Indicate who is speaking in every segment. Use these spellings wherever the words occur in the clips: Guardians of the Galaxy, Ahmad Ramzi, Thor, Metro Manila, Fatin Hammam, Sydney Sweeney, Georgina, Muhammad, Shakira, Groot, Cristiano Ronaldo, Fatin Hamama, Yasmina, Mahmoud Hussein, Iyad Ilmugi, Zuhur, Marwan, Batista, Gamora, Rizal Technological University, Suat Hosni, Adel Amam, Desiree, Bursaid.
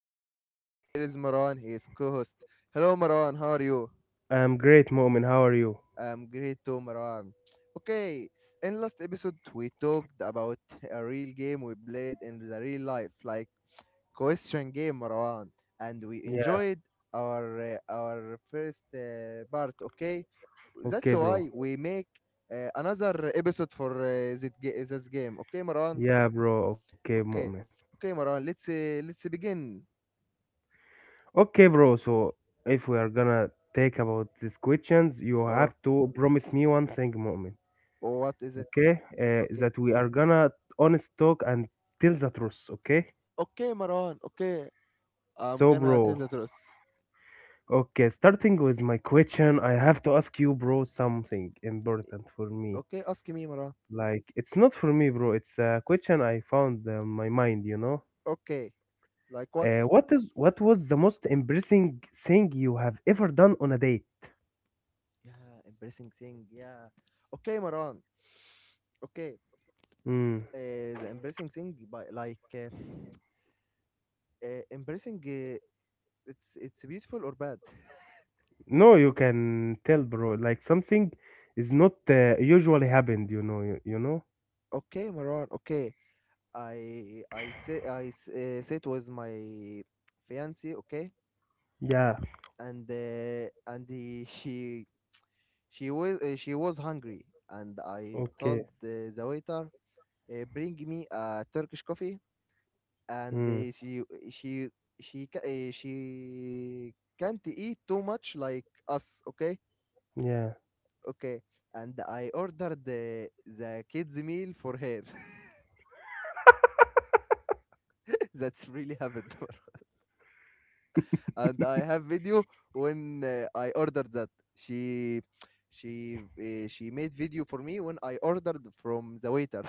Speaker 1: I am host, and here is Marwan, he is co host. Hello, Marwan, how are you?
Speaker 2: I'm great, Mu'min. How are you?
Speaker 1: I'm great too, Marwan. Okay, in last episode, we talked about a real game we played in the real life, like question game, Marwan, and we
Speaker 2: Yeah,
Speaker 1: enjoyed our first part, okay?
Speaker 2: okay,
Speaker 1: That's
Speaker 2: bro.
Speaker 1: why we make another episode for this game, okay, Marwan?
Speaker 2: Yeah, bro. Okay, Mu'min.
Speaker 1: Okay. Okay, Maran. Let's begin.
Speaker 2: Okay, bro. So if we are gonna take about these questions, you have
Speaker 1: Oh,
Speaker 2: to promise me one thing, Mu'min.
Speaker 1: what is it?
Speaker 2: Okay? Uh,
Speaker 1: Okay.
Speaker 2: that we are gonna honest talk and tell the truth. Okay?
Speaker 1: Okay, Maran. Okay.
Speaker 2: So,
Speaker 1: I'm gonna
Speaker 2: bro.
Speaker 1: tell the truth.
Speaker 2: Okay, starting with my question, I have to ask you, bro, something important for me.
Speaker 1: Okay, ask me, Maran.
Speaker 2: Like, it's not for me, bro. It's a question I found my mind, you know?
Speaker 1: Okay. Like what?
Speaker 2: What is what was the most embarrassing thing you have ever done on a date?
Speaker 1: Yeah, embarrassing thing. Yeah. Okay, Maran. Okay.
Speaker 2: Mm.
Speaker 1: The embarrassing thing, but like embarrassing. It's beautiful or bad.
Speaker 2: No, you can tell, bro. Like something is not usually happened, you know. You know?
Speaker 1: Okay, Maran. Okay. I say it was my fiance. Okay.
Speaker 2: Yeah.
Speaker 1: And she was she was hungry and I
Speaker 2: Okay.
Speaker 1: told the waiter bring me a Turkish coffee and
Speaker 2: Mm.
Speaker 1: she she can't eat too much like us, okay?
Speaker 2: Yeah.
Speaker 1: Okay, and I ordered the kids meal for her. That's really happened. And I have video when I ordered that. She she made video for me when I ordered from the waiter.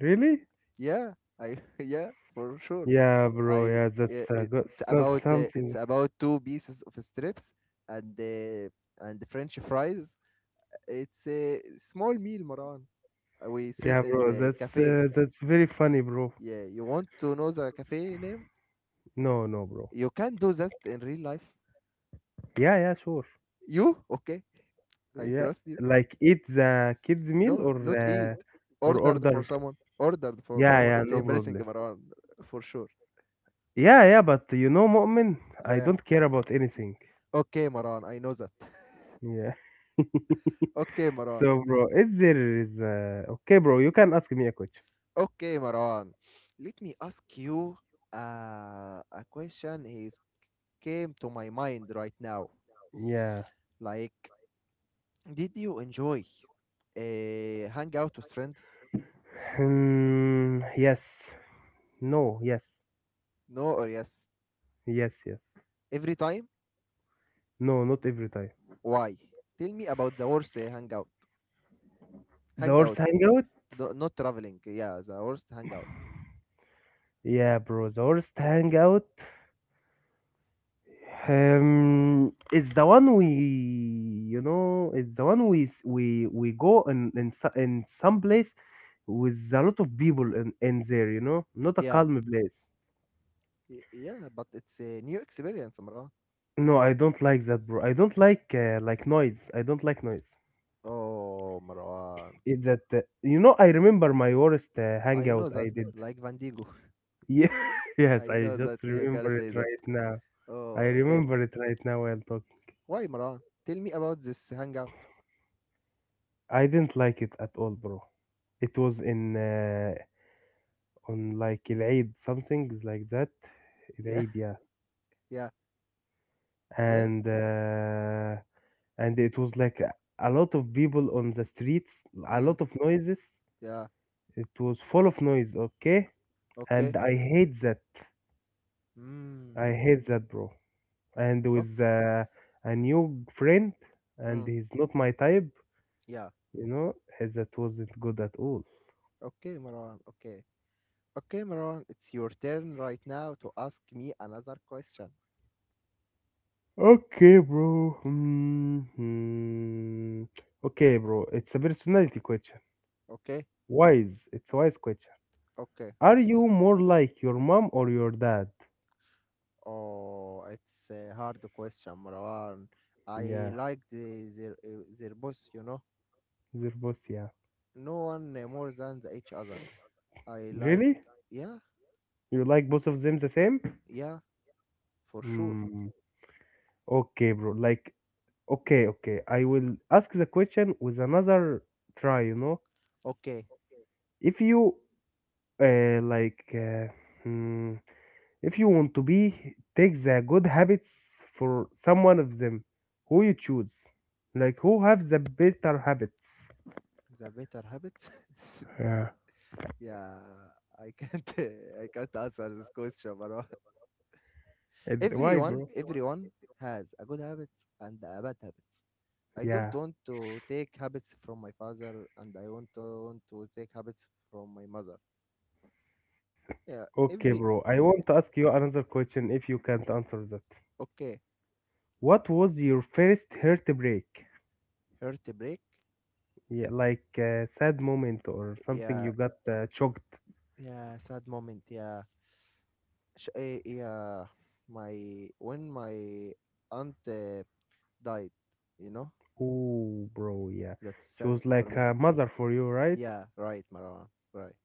Speaker 2: Really?
Speaker 1: Yeah, I yeah, for sure.
Speaker 2: Yeah, bro.
Speaker 1: I
Speaker 2: Yeah, that's uh, go- it's
Speaker 1: it's
Speaker 2: not
Speaker 1: about
Speaker 2: something.
Speaker 1: It's about two pieces of strips and uh, and French fries. It's a small meal, Maran. We sit
Speaker 2: Yeah,
Speaker 1: in
Speaker 2: bro.
Speaker 1: the
Speaker 2: That's
Speaker 1: cafe.
Speaker 2: uh, that's very funny, bro.
Speaker 1: Yeah, you want to know the cafe name?
Speaker 2: No, no, bro.
Speaker 1: You can do that in real life.
Speaker 2: Yeah, yeah, sure.
Speaker 1: You okay? I
Speaker 2: Yeah,
Speaker 1: trust you.
Speaker 2: like eat the kids meal
Speaker 1: No, not eat.
Speaker 2: or
Speaker 1: Ordered for
Speaker 2: order.
Speaker 1: someone. Ordered for
Speaker 2: Yeah,
Speaker 1: someone.
Speaker 2: yeah,
Speaker 1: It's
Speaker 2: no
Speaker 1: embarrassing,
Speaker 2: problem.
Speaker 1: Maran, for sure.
Speaker 2: Yeah, yeah, but you know, Mu'min,
Speaker 1: Yeah,
Speaker 2: I
Speaker 1: yeah.
Speaker 2: don't care about anything.
Speaker 1: Okay, Maran, I know that.
Speaker 2: Yeah.
Speaker 1: Okay, Maran.
Speaker 2: So, bro, is there is okay, bro? You can ask me a question.
Speaker 1: Okay, Maran. Let me ask you a question. Is came to my mind right now.
Speaker 2: Yeah.
Speaker 1: Like, did you enjoy hang out with friends?
Speaker 2: Hmm, yes. No. Yes.
Speaker 1: No or yes?
Speaker 2: Yes. Yes.
Speaker 1: Every time?
Speaker 2: No. Not every time.
Speaker 1: Why? Tell me about the worst hangout.
Speaker 2: The worst
Speaker 1: Hangout,
Speaker 2: hangout.
Speaker 1: not traveling. Yeah, the worst hangout.
Speaker 2: Yeah, bro. The worst hangout. It's the one we, you know, it's the one we s- we go in some place with a lot of people in there. You know, not a
Speaker 1: Yeah.
Speaker 2: calm place.
Speaker 1: Yeah, but it's a new experience, Marwan.
Speaker 2: No, I don't like that, bro. I don't like noise. I don't like noise.
Speaker 1: Oh, Marwan.
Speaker 2: It that You know, I remember my worst
Speaker 1: I know
Speaker 2: hangout
Speaker 1: that,
Speaker 2: I did.
Speaker 1: like Vandigo.
Speaker 2: Yeah, yes,
Speaker 1: I
Speaker 2: I
Speaker 1: know
Speaker 2: just
Speaker 1: that you gotta
Speaker 2: remember
Speaker 1: say
Speaker 2: it
Speaker 1: that.
Speaker 2: right now. I
Speaker 1: Oh, okay.
Speaker 2: remember it right now while talking.
Speaker 1: Why, Marwan? Tell me about this hangout.
Speaker 2: I didn't like it at all, bro. It was in on like Eid something like that.
Speaker 1: Yeah,
Speaker 2: Eid, yeah,
Speaker 1: yeah, yeah.
Speaker 2: and uh, and it was like a lot of people on the streets, a
Speaker 1: Mm,
Speaker 2: lot of noises.
Speaker 1: yeah.
Speaker 2: It was full of noise. Okay, and
Speaker 1: Okay.
Speaker 2: I hate that.
Speaker 1: Mm,
Speaker 2: I hate that, bro. And
Speaker 1: okay.
Speaker 2: with a new friend,
Speaker 1: Mm,
Speaker 2: and he's not my type,
Speaker 1: yeah.
Speaker 2: you know, that wasn't good at all.
Speaker 1: Okay, Marwan. Okay. Okay, Marwan. It's your turn right now to ask me another question.
Speaker 2: Okay, bro. Okay, bro. It's a personality question.
Speaker 1: Okay.
Speaker 2: Wise. It's a wise question.
Speaker 1: Okay.
Speaker 2: Are you more like your mom or your dad?
Speaker 1: Oh, it's a hard question, Marwan. I
Speaker 2: Yeah,
Speaker 1: like the, their boss, you know.
Speaker 2: they're both, yeah.
Speaker 1: No one more than the each other. I like,
Speaker 2: Really?
Speaker 1: yeah,
Speaker 2: You like both of them the same?
Speaker 1: yeah, for sure.
Speaker 2: Hmm. Okay, bro. Like okay, okay. I will ask the question with another try, you know.
Speaker 1: Okay,
Speaker 2: If you uh, like uh, hmm, if you want to be take the good habits for someone of them, who you choose? Like who have the better habits?
Speaker 1: the better habits.
Speaker 2: Yeah.
Speaker 1: Yeah, I can't. I can't answer this question, Marwan.
Speaker 2: And why,
Speaker 1: Everyone,
Speaker 2: bro?
Speaker 1: everyone has a good habit and a bad habits. I don't
Speaker 2: Yeah.
Speaker 1: want to take habits from my father, and I want to take habits from my mother. Yeah,
Speaker 2: Okay,
Speaker 1: every
Speaker 2: bro. I want to ask you another question if you can't answer that.
Speaker 1: okay.
Speaker 2: What was your first heartbreak?
Speaker 1: Heartbreak.
Speaker 2: Yeah, like a sad moment or something
Speaker 1: Yeah,
Speaker 2: you got shocked?
Speaker 1: yeah, sad moment. Yeah, yeah. My when my aunt died, you know,
Speaker 2: Oh, bro, yeah.
Speaker 1: that's
Speaker 2: She was
Speaker 1: saddest for
Speaker 2: like
Speaker 1: me.
Speaker 2: a mother for you, right?
Speaker 1: Yeah, right, Marwan. Right.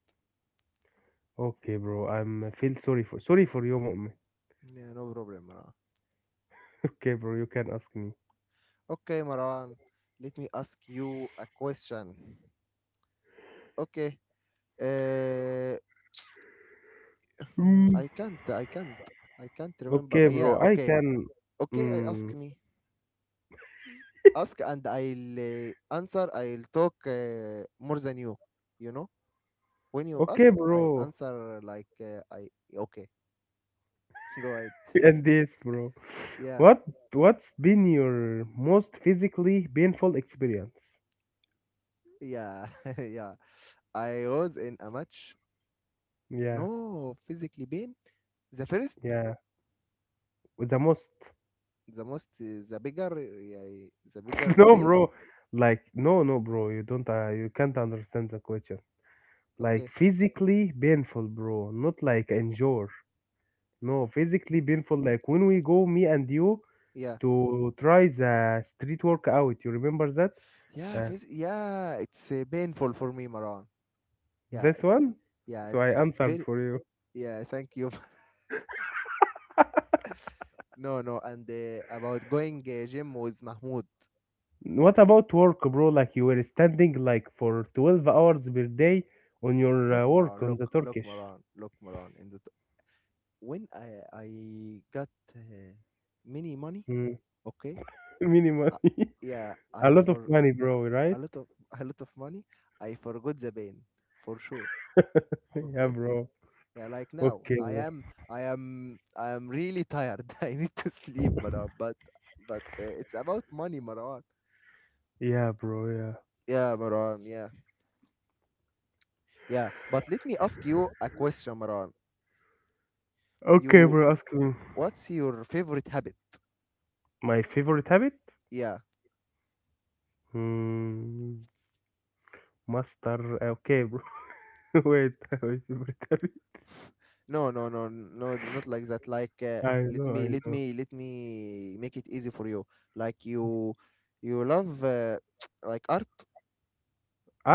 Speaker 2: Okay, bro. I'm feel sorry for you, mom.
Speaker 1: Yeah, no problem, Marwan.
Speaker 2: Okay, bro. You can ask me.
Speaker 1: Okay, Marwan. Let me ask you a question. Okay. Uh,
Speaker 2: Mm.
Speaker 1: I can't. I can't. I can't remember.
Speaker 2: Okay,
Speaker 1: Yeah.
Speaker 2: bro. I
Speaker 1: Okay.
Speaker 2: can.
Speaker 1: Okay. I ask
Speaker 2: Mm,
Speaker 1: me. Ask and I'll answer. I'll talk more than you. You know. When you ask,
Speaker 2: okay,
Speaker 1: I
Speaker 2: bro.
Speaker 1: answer like I okay. Go ahead.
Speaker 2: And this, bro.
Speaker 1: Yeah,
Speaker 2: What what's been your most physically painful experience?
Speaker 1: yeah, yeah. I was in a match.
Speaker 2: Yeah,
Speaker 1: No physically pain. The first,
Speaker 2: yeah. With the most.
Speaker 1: the most, the bigger, yeah, the bigger
Speaker 2: No,
Speaker 1: pain.
Speaker 2: bro. Like no, no, bro. You don't. You can't understand the question. Like
Speaker 1: Okay.
Speaker 2: physically painful, bro, not like endure. No, physically
Speaker 1: Yeah.
Speaker 2: painful, like when we go, me and you,
Speaker 1: Yeah.
Speaker 2: to try the street workout, you remember that?
Speaker 1: Yeah.
Speaker 2: uh,
Speaker 1: Yeah. It's painful for me, Maran. Yeah.
Speaker 2: this
Speaker 1: It's
Speaker 2: one,
Speaker 1: yeah.
Speaker 2: so I
Speaker 1: It's
Speaker 2: answered
Speaker 1: very
Speaker 2: for you.
Speaker 1: yeah. Thank you. No, no. And about going gym with Mahmoud.
Speaker 2: What about work, bro? Like you were standing like for 12 hours per day on your
Speaker 1: Look,
Speaker 2: work
Speaker 1: Maran.
Speaker 2: on
Speaker 1: Look,
Speaker 2: the
Speaker 1: look,
Speaker 2: turkish.
Speaker 1: Maran. Look, Maran. In the when I got uh, many money,
Speaker 2: Mm.
Speaker 1: okay,
Speaker 2: Minimum
Speaker 1: uh, yeah,
Speaker 2: a
Speaker 1: I
Speaker 2: lot of
Speaker 1: for
Speaker 2: money, bro,
Speaker 1: a
Speaker 2: right?
Speaker 1: lot of a lot of money, I forgot the pain for sure,
Speaker 2: Yeah,
Speaker 1: okay.
Speaker 2: bro.
Speaker 1: Yeah, like now
Speaker 2: Okay, bro.
Speaker 1: I am really tired. I need to sleep, Marwan. But it's about money, Marwan.
Speaker 2: Yeah, bro. Yeah.
Speaker 1: Yeah, Marwan. Yeah, yeah. But let me ask you a question, Marwan.
Speaker 2: Okay,
Speaker 1: You,
Speaker 2: bro, ask me.
Speaker 1: what's your favorite habit?
Speaker 2: My favorite habit.
Speaker 1: Yeah.
Speaker 2: Mm, master, okay, bro. Wait, wait, secretary.
Speaker 1: No, no, no, no, not like that. Like,
Speaker 2: I
Speaker 1: let
Speaker 2: know,
Speaker 1: me,
Speaker 2: I
Speaker 1: let
Speaker 2: know.
Speaker 1: me, let me make it easy for you. Like you love like art.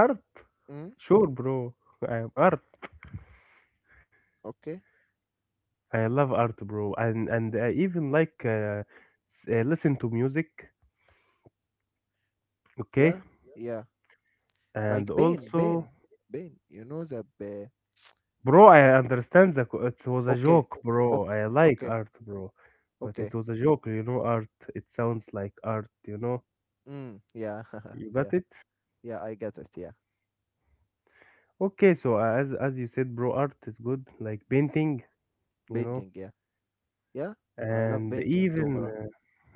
Speaker 2: Art.
Speaker 1: Mm?
Speaker 2: Sure, bro. I am art.
Speaker 1: Okay,
Speaker 2: I love art, bro, and I even like listen to music, okay,
Speaker 1: yeah, yeah.
Speaker 2: and
Speaker 1: Like Ben,
Speaker 2: also.
Speaker 1: Ben, Ben. You know the Ben.
Speaker 2: Bro, I understand that it was a
Speaker 1: Okay,
Speaker 2: joke, bro.
Speaker 1: okay,
Speaker 2: I like
Speaker 1: okay,
Speaker 2: art, bro, but it
Speaker 1: okay.
Speaker 2: was a joke, you know. Art, it sounds like art, you know.
Speaker 1: Mm, yeah,
Speaker 2: You
Speaker 1: yeah,
Speaker 2: got it.
Speaker 1: yeah. I get it. Yeah,
Speaker 2: Okay, so as you said, bro, art is good, like painting, you know,
Speaker 1: painting. Yeah, yeah. I love
Speaker 2: and
Speaker 1: painting too,
Speaker 2: even
Speaker 1: Mara.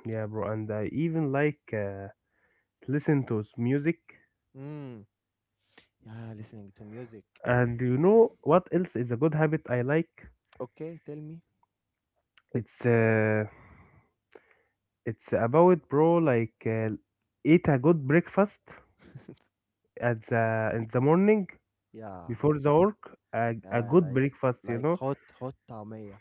Speaker 2: yeah, bro. And I even like listen to music.
Speaker 1: Mm, yeah, listening to music.
Speaker 2: And you know what else is a good habit I like?
Speaker 1: Okay, tell me.
Speaker 2: it's uh, it's about, bro, like eat a good breakfast at the in the morning
Speaker 1: Yeah.
Speaker 2: before the work, a
Speaker 1: Yeah,
Speaker 2: good breakfast, you
Speaker 1: like
Speaker 2: know.
Speaker 1: hot hot tamia.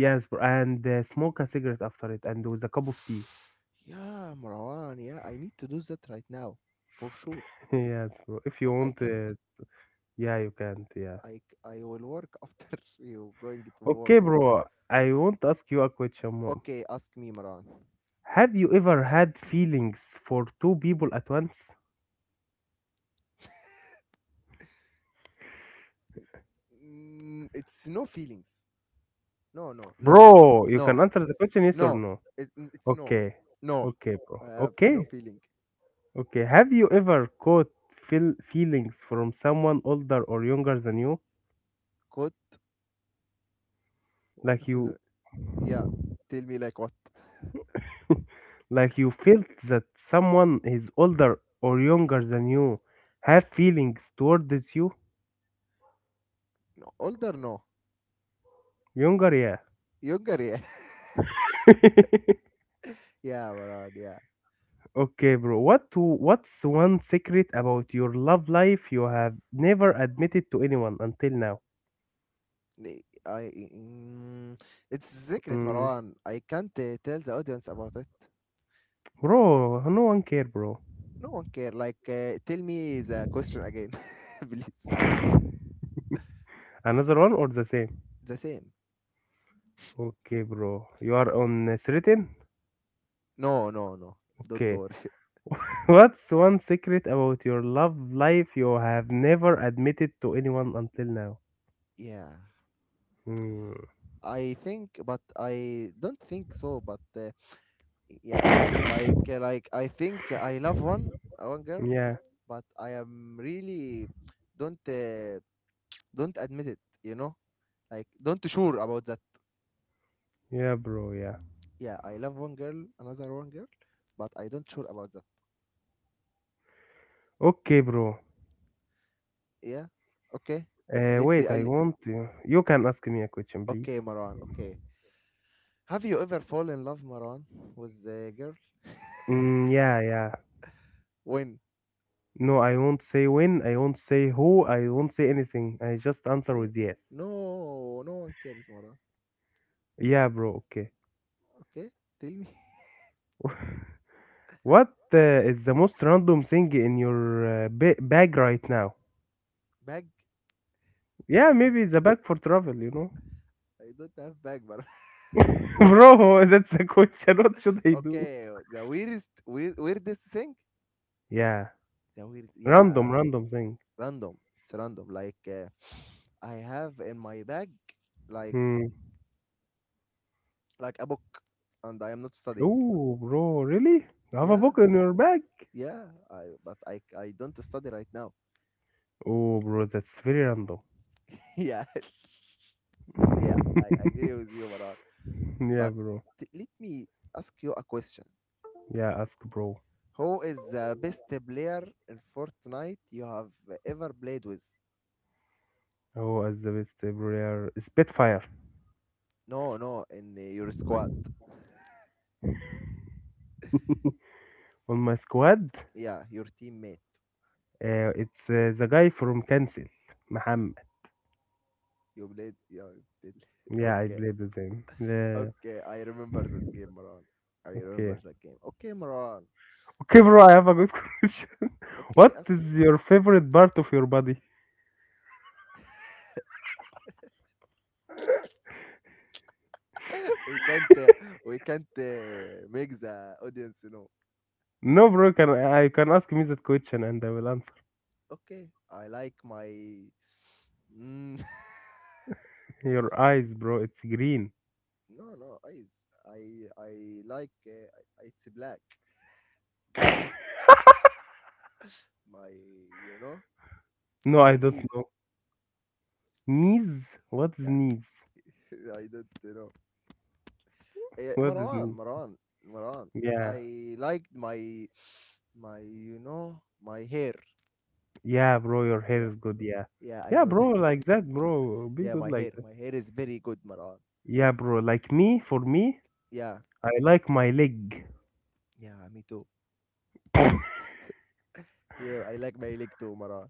Speaker 2: Yes, bro. And smoke a cigarette after it and with a cup of tea.
Speaker 1: Yeah, Marwan, yeah, I need to do that right now for sure,
Speaker 2: Yes, bro. If you
Speaker 1: but I
Speaker 2: want
Speaker 1: can't.
Speaker 2: Yeah, you can, yeah.
Speaker 1: I will work after you going to work.
Speaker 2: Okay, bro, I want to ask you a question.
Speaker 1: Okay, ask me, Marwan.
Speaker 2: Have you ever had feelings for two people at once?
Speaker 1: Mm, it's no feelings. No, no, no,
Speaker 2: Bro, you can
Speaker 1: no,
Speaker 2: answer the question yes or
Speaker 1: no.
Speaker 2: no.
Speaker 1: It's no,
Speaker 2: Okay.
Speaker 1: no.
Speaker 2: Okay, bro.
Speaker 1: I have no
Speaker 2: Okay.
Speaker 1: feeling.
Speaker 2: Okay. Have you ever caught feelings from someone older or younger than you?
Speaker 1: Good.
Speaker 2: Like
Speaker 1: What is
Speaker 2: you.
Speaker 1: it? Yeah. Tell me like what?
Speaker 2: Like you felt that someone is older or younger than you have feelings towards you?
Speaker 1: No, older? No.
Speaker 2: Younger,
Speaker 1: Younger? Yeah.
Speaker 2: yeah.
Speaker 1: Yeah, Marwan. Yeah.
Speaker 2: Okay, bro. What's one secret about your love life you have never admitted to anyone until now?
Speaker 1: I it's secret,
Speaker 2: Mm,
Speaker 1: Marwan. I can't tell the audience about it.
Speaker 2: bro, no one care, bro.
Speaker 1: No one care. Like, tell me the question again, please.
Speaker 2: Another one or the same?
Speaker 1: The same.
Speaker 2: Okay, bro. You are on certain?
Speaker 1: No, no, no. Don't
Speaker 2: Okay.
Speaker 1: worry.
Speaker 2: What's one secret about your love life you have never admitted to anyone until now?
Speaker 1: Yeah,
Speaker 2: Hmm.
Speaker 1: I think, but I don't think so. But Yeah, like I think I love one, one girl,
Speaker 2: Yeah.
Speaker 1: but I am really don't uh, don't admit it. You know, like don't sure about that.
Speaker 2: Yeah, bro. Yeah.
Speaker 1: Yeah, I love one girl, another one girl, but I don't sure about that.
Speaker 2: Okay, bro.
Speaker 1: Yeah, okay. Let's see.
Speaker 2: Wait, I want to. You can ask me a question, please.
Speaker 1: Okay, Maran. Okay. Have you ever fallen in love, Maran, with a girl?
Speaker 2: Mm, yeah, yeah.
Speaker 1: When?
Speaker 2: No, I won't say when, I won't say who, I won't say anything. I just answer
Speaker 1: Okay.
Speaker 2: with yes.
Speaker 1: No, no one cares, Maran.
Speaker 2: Yeah, bro, okay.
Speaker 1: Okay. Tell me.
Speaker 2: What is the most random thing in your bag right now?
Speaker 1: Bag? I
Speaker 2: Yeah,
Speaker 1: don't.
Speaker 2: maybe the bag for travel, you know?
Speaker 1: I don't have bag, Maran.
Speaker 2: Bro, that's the question. What should I do?
Speaker 1: Okay. The weirdest, weird, weirdest thing.
Speaker 2: Yeah,
Speaker 1: The weird.
Speaker 2: random,
Speaker 1: Yeah.
Speaker 2: random thing.
Speaker 1: Random. It's random. Like I have in my bag, like
Speaker 2: Hmm.
Speaker 1: a book, and I am not studying.
Speaker 2: Oh, bro, really? You have a
Speaker 1: Yeah.
Speaker 2: book in your bag?
Speaker 1: Yeah, I but I don't study right now.
Speaker 2: Oh, bro, that's very random.
Speaker 1: Yeah, yeah, I agree with you, Maran.
Speaker 2: Yeah,
Speaker 1: But
Speaker 2: bro.
Speaker 1: Let me ask you a question.
Speaker 2: Yeah, ask, bro.
Speaker 1: Who is the best player in Fortnite you have ever played with?
Speaker 2: Who is the best player, spitfire?
Speaker 1: No, no, in your squad.
Speaker 2: On my squad,
Speaker 1: Yeah, your teammate.
Speaker 2: it's the guy from Kansas, Muhammad.
Speaker 1: You played. Yeah, you played.
Speaker 2: Yeah, I
Speaker 1: Okay,
Speaker 2: played the same, yeah.
Speaker 1: okay. I remember that game, Maran. I remember
Speaker 2: Okay.
Speaker 1: that game. Okay, Maran.
Speaker 2: Okay, bro, I have a good question.
Speaker 1: Okay,
Speaker 2: What
Speaker 1: ask him.
Speaker 2: is your favorite part of your body?
Speaker 1: We can't. We can't make the audience know.
Speaker 2: No, bro, can I can ask me that question and I will answer.
Speaker 1: Okay, I like my. Mm,
Speaker 2: Your eyes, bro, it's green.
Speaker 1: no, no, eyes. I like it's black. My you know
Speaker 2: No,
Speaker 1: my
Speaker 2: I don't
Speaker 1: knees.
Speaker 2: know. Knees, what is
Speaker 1: Yeah,
Speaker 2: knees?
Speaker 1: I don't know.
Speaker 2: What is
Speaker 1: Marwan,
Speaker 2: knees?
Speaker 1: Marwan, Marwan.
Speaker 2: Yeah.
Speaker 1: I liked my you know my hair.
Speaker 2: Yeah, bro, your hair
Speaker 1: Yeah,
Speaker 2: is good, yeah.
Speaker 1: yeah, I
Speaker 2: Yeah,
Speaker 1: know that.
Speaker 2: bro, like that, bro, be
Speaker 1: Yeah,
Speaker 2: good,
Speaker 1: my
Speaker 2: like.
Speaker 1: hair. My hair is very good, Marwan.
Speaker 2: Yeah, bro. Like me, for me,
Speaker 1: Yeah,
Speaker 2: I like my leg.
Speaker 1: yeah, me too. Yeah, I like my leg too, Marwan.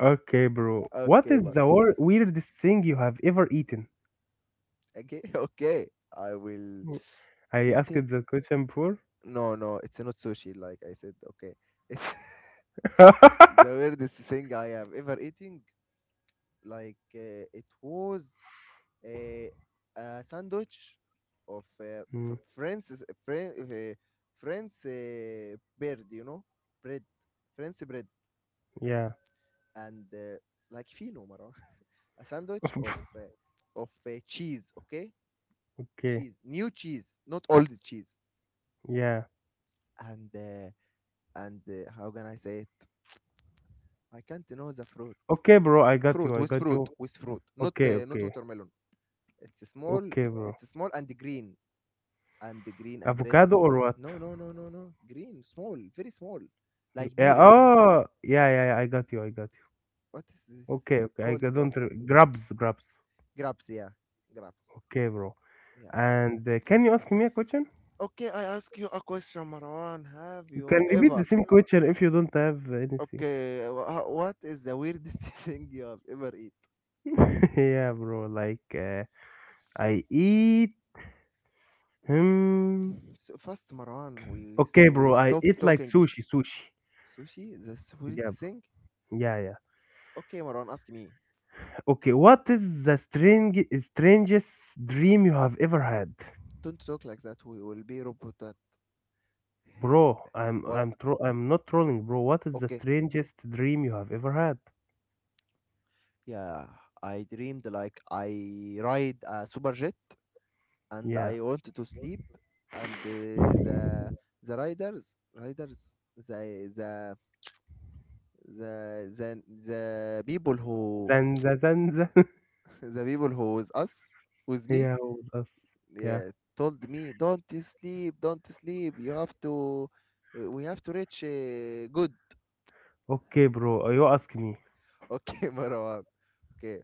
Speaker 2: Okay, bro. What
Speaker 1: Okay,
Speaker 2: is
Speaker 1: Mar.
Speaker 2: the weirdest thing you have ever eaten?
Speaker 1: Okay, okay. I will
Speaker 2: Mm, I asked
Speaker 1: eating.
Speaker 2: that question before.
Speaker 1: No, no, it's not sushi, like I said. Okay, it's the weirdest thing I have ever eating. Like it was a, a sandwich of fr
Speaker 2: Mm,
Speaker 1: French French uh, French bread, you know, bread, French bread,
Speaker 2: yeah.
Speaker 1: and like fino, Marwa. A sandwich of cheese. Okay,
Speaker 2: Okay.
Speaker 1: cheese, new cheese, not old cheese,
Speaker 2: Yeah.
Speaker 1: and uh, and how can I say it? I can't know the fruit.
Speaker 2: Okay, bro.
Speaker 1: Fruit
Speaker 2: I
Speaker 1: with
Speaker 2: got you.
Speaker 1: fruit, not
Speaker 2: Okay.
Speaker 1: not
Speaker 2: Okay.
Speaker 1: watermelon. It's small.
Speaker 2: Okay, bro.
Speaker 1: It's small and green and green and red.
Speaker 2: Avocado or what?
Speaker 1: No, no, no, no, no, green, small, very small, like
Speaker 2: Yeah.
Speaker 1: beers.
Speaker 2: Oh. Yeah. Yeah. Yeah, I got you.
Speaker 1: What is this
Speaker 2: Okay. Okay. I
Speaker 1: called?
Speaker 2: got-
Speaker 1: What?
Speaker 2: don't. Re- Grabs. Grabs.
Speaker 1: Grapes, yeah. Grapes.
Speaker 2: Okay, bro.
Speaker 1: Yeah,
Speaker 2: And Can you ask me a question?
Speaker 1: okay, I ask you a question, Marwan. Have
Speaker 2: You
Speaker 1: you
Speaker 2: can repeat
Speaker 1: ever
Speaker 2: the same question if you don't have anything.
Speaker 1: okay what is the weirdest thing you have ever eat?
Speaker 2: Yeah, bro. Like I eat. Hmm.
Speaker 1: So first, Marwan,
Speaker 2: Okay,
Speaker 1: we
Speaker 2: bro. I
Speaker 1: stop
Speaker 2: eat like
Speaker 1: talking it.
Speaker 2: sushi. Sushi.
Speaker 1: Sushi. That's weirdest
Speaker 2: Yeah,
Speaker 1: thing.
Speaker 2: bro. Yeah, yeah.
Speaker 1: Okay, Marwan, ask me.
Speaker 2: Okay. What is the strangest dream you have ever had,
Speaker 1: Don't talk like that. We will be roboted.
Speaker 2: bro?
Speaker 1: What?
Speaker 2: I'm not trolling, bro. What is the
Speaker 1: Okay.
Speaker 2: strangest dream you have ever had?
Speaker 1: Yeah, I dreamed like I ride a super jet and
Speaker 2: Yeah.
Speaker 1: I wanted to sleep and the riders riders the the, the people who
Speaker 2: Zanza, zanza.
Speaker 1: the people who was us with me,
Speaker 2: Yeah, with us. Yeah.
Speaker 1: yeah, told me don't sleep, don't sleep, you have to we have to reach good.
Speaker 2: Okay, bro. You ask me.
Speaker 1: Okay, Marwan. Okay.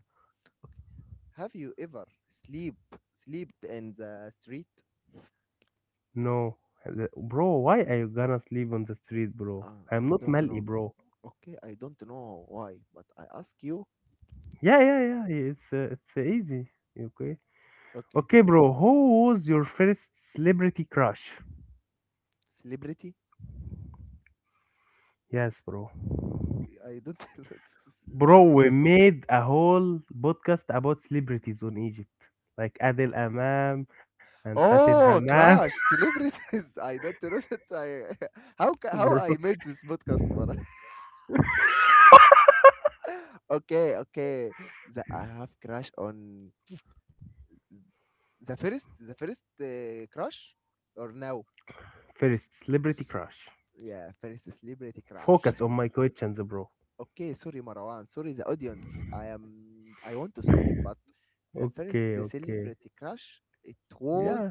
Speaker 1: Have you ever sleep slept in the street?
Speaker 2: No, bro. Why are you gonna sleep on the street, bro? I'm
Speaker 1: I
Speaker 2: not
Speaker 1: don't
Speaker 2: Mali,
Speaker 1: know.
Speaker 2: bro.
Speaker 1: Okay, I don't know why, but I ask you.
Speaker 2: Yeah, it's it's easy. Okay.
Speaker 1: Okay,
Speaker 2: Okay, bro. Who was your first celebrity crush?
Speaker 1: celebrity?
Speaker 2: Yes, bro.
Speaker 1: I don't know
Speaker 2: Bro,
Speaker 1: celebrity.
Speaker 2: we made a whole podcast about celebrities on Egypt, like Adel Amam and Fatin
Speaker 1: Oh,
Speaker 2: Hammam.
Speaker 1: crash! Celebrities! I don't know that I how ca- how I
Speaker 2: Bro.
Speaker 1: made this podcast, but okay, okay. The, I have crash on the first crush or now?
Speaker 2: First celebrity crush.
Speaker 1: Yeah, first celebrity crush.
Speaker 2: Focus on my questions, bro.
Speaker 1: Okay, sorry, Marwan. Sorry, the audience. I am. I want to sleep, but the first
Speaker 2: Okay, okay.
Speaker 1: celebrity crush, it
Speaker 2: Yeah.
Speaker 1: was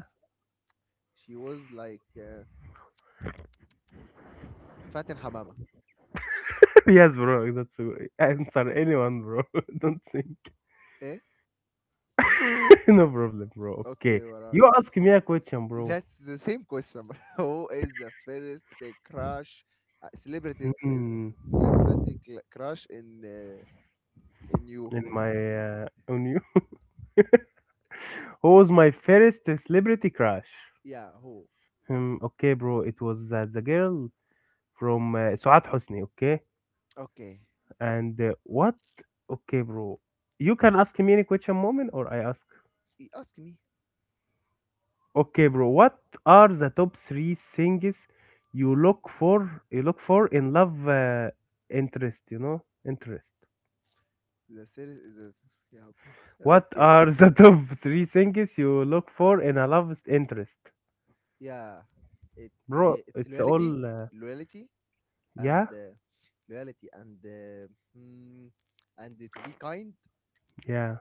Speaker 1: she was like Fatin Hamama.
Speaker 2: Yes, bro. That's answer anyone, bro. Don't think.
Speaker 1: Eh?
Speaker 2: No problem, bro.
Speaker 1: Okay,
Speaker 2: Okay,
Speaker 1: Marwan.
Speaker 2: you ask me a question, bro.
Speaker 1: That's the same question. Who is the first crush, is
Speaker 2: Hmm.
Speaker 1: crush in you?
Speaker 2: In my On you, who was my first celebrity crush?
Speaker 1: Yeah. Who?
Speaker 2: Hmm. Okay, bro. It was the girl from Suat Hosni. Okay,
Speaker 1: Okay.
Speaker 2: and what? Okay, bro. You can ask me any question, moment, or I ask.
Speaker 1: You ask me.
Speaker 2: Okay, bro. What are the top three things you look for? You look for in love interest. You know, interest.
Speaker 1: The series is a, yeah.
Speaker 2: What
Speaker 1: Okay.
Speaker 2: are the top three things you look for in a love interest?
Speaker 1: Yeah.
Speaker 2: Bro,
Speaker 1: It's
Speaker 2: it's
Speaker 1: loyalty.
Speaker 2: all,
Speaker 1: Loyalty.
Speaker 2: yeah,
Speaker 1: And loyalty and mm, and to be kind
Speaker 2: yeah.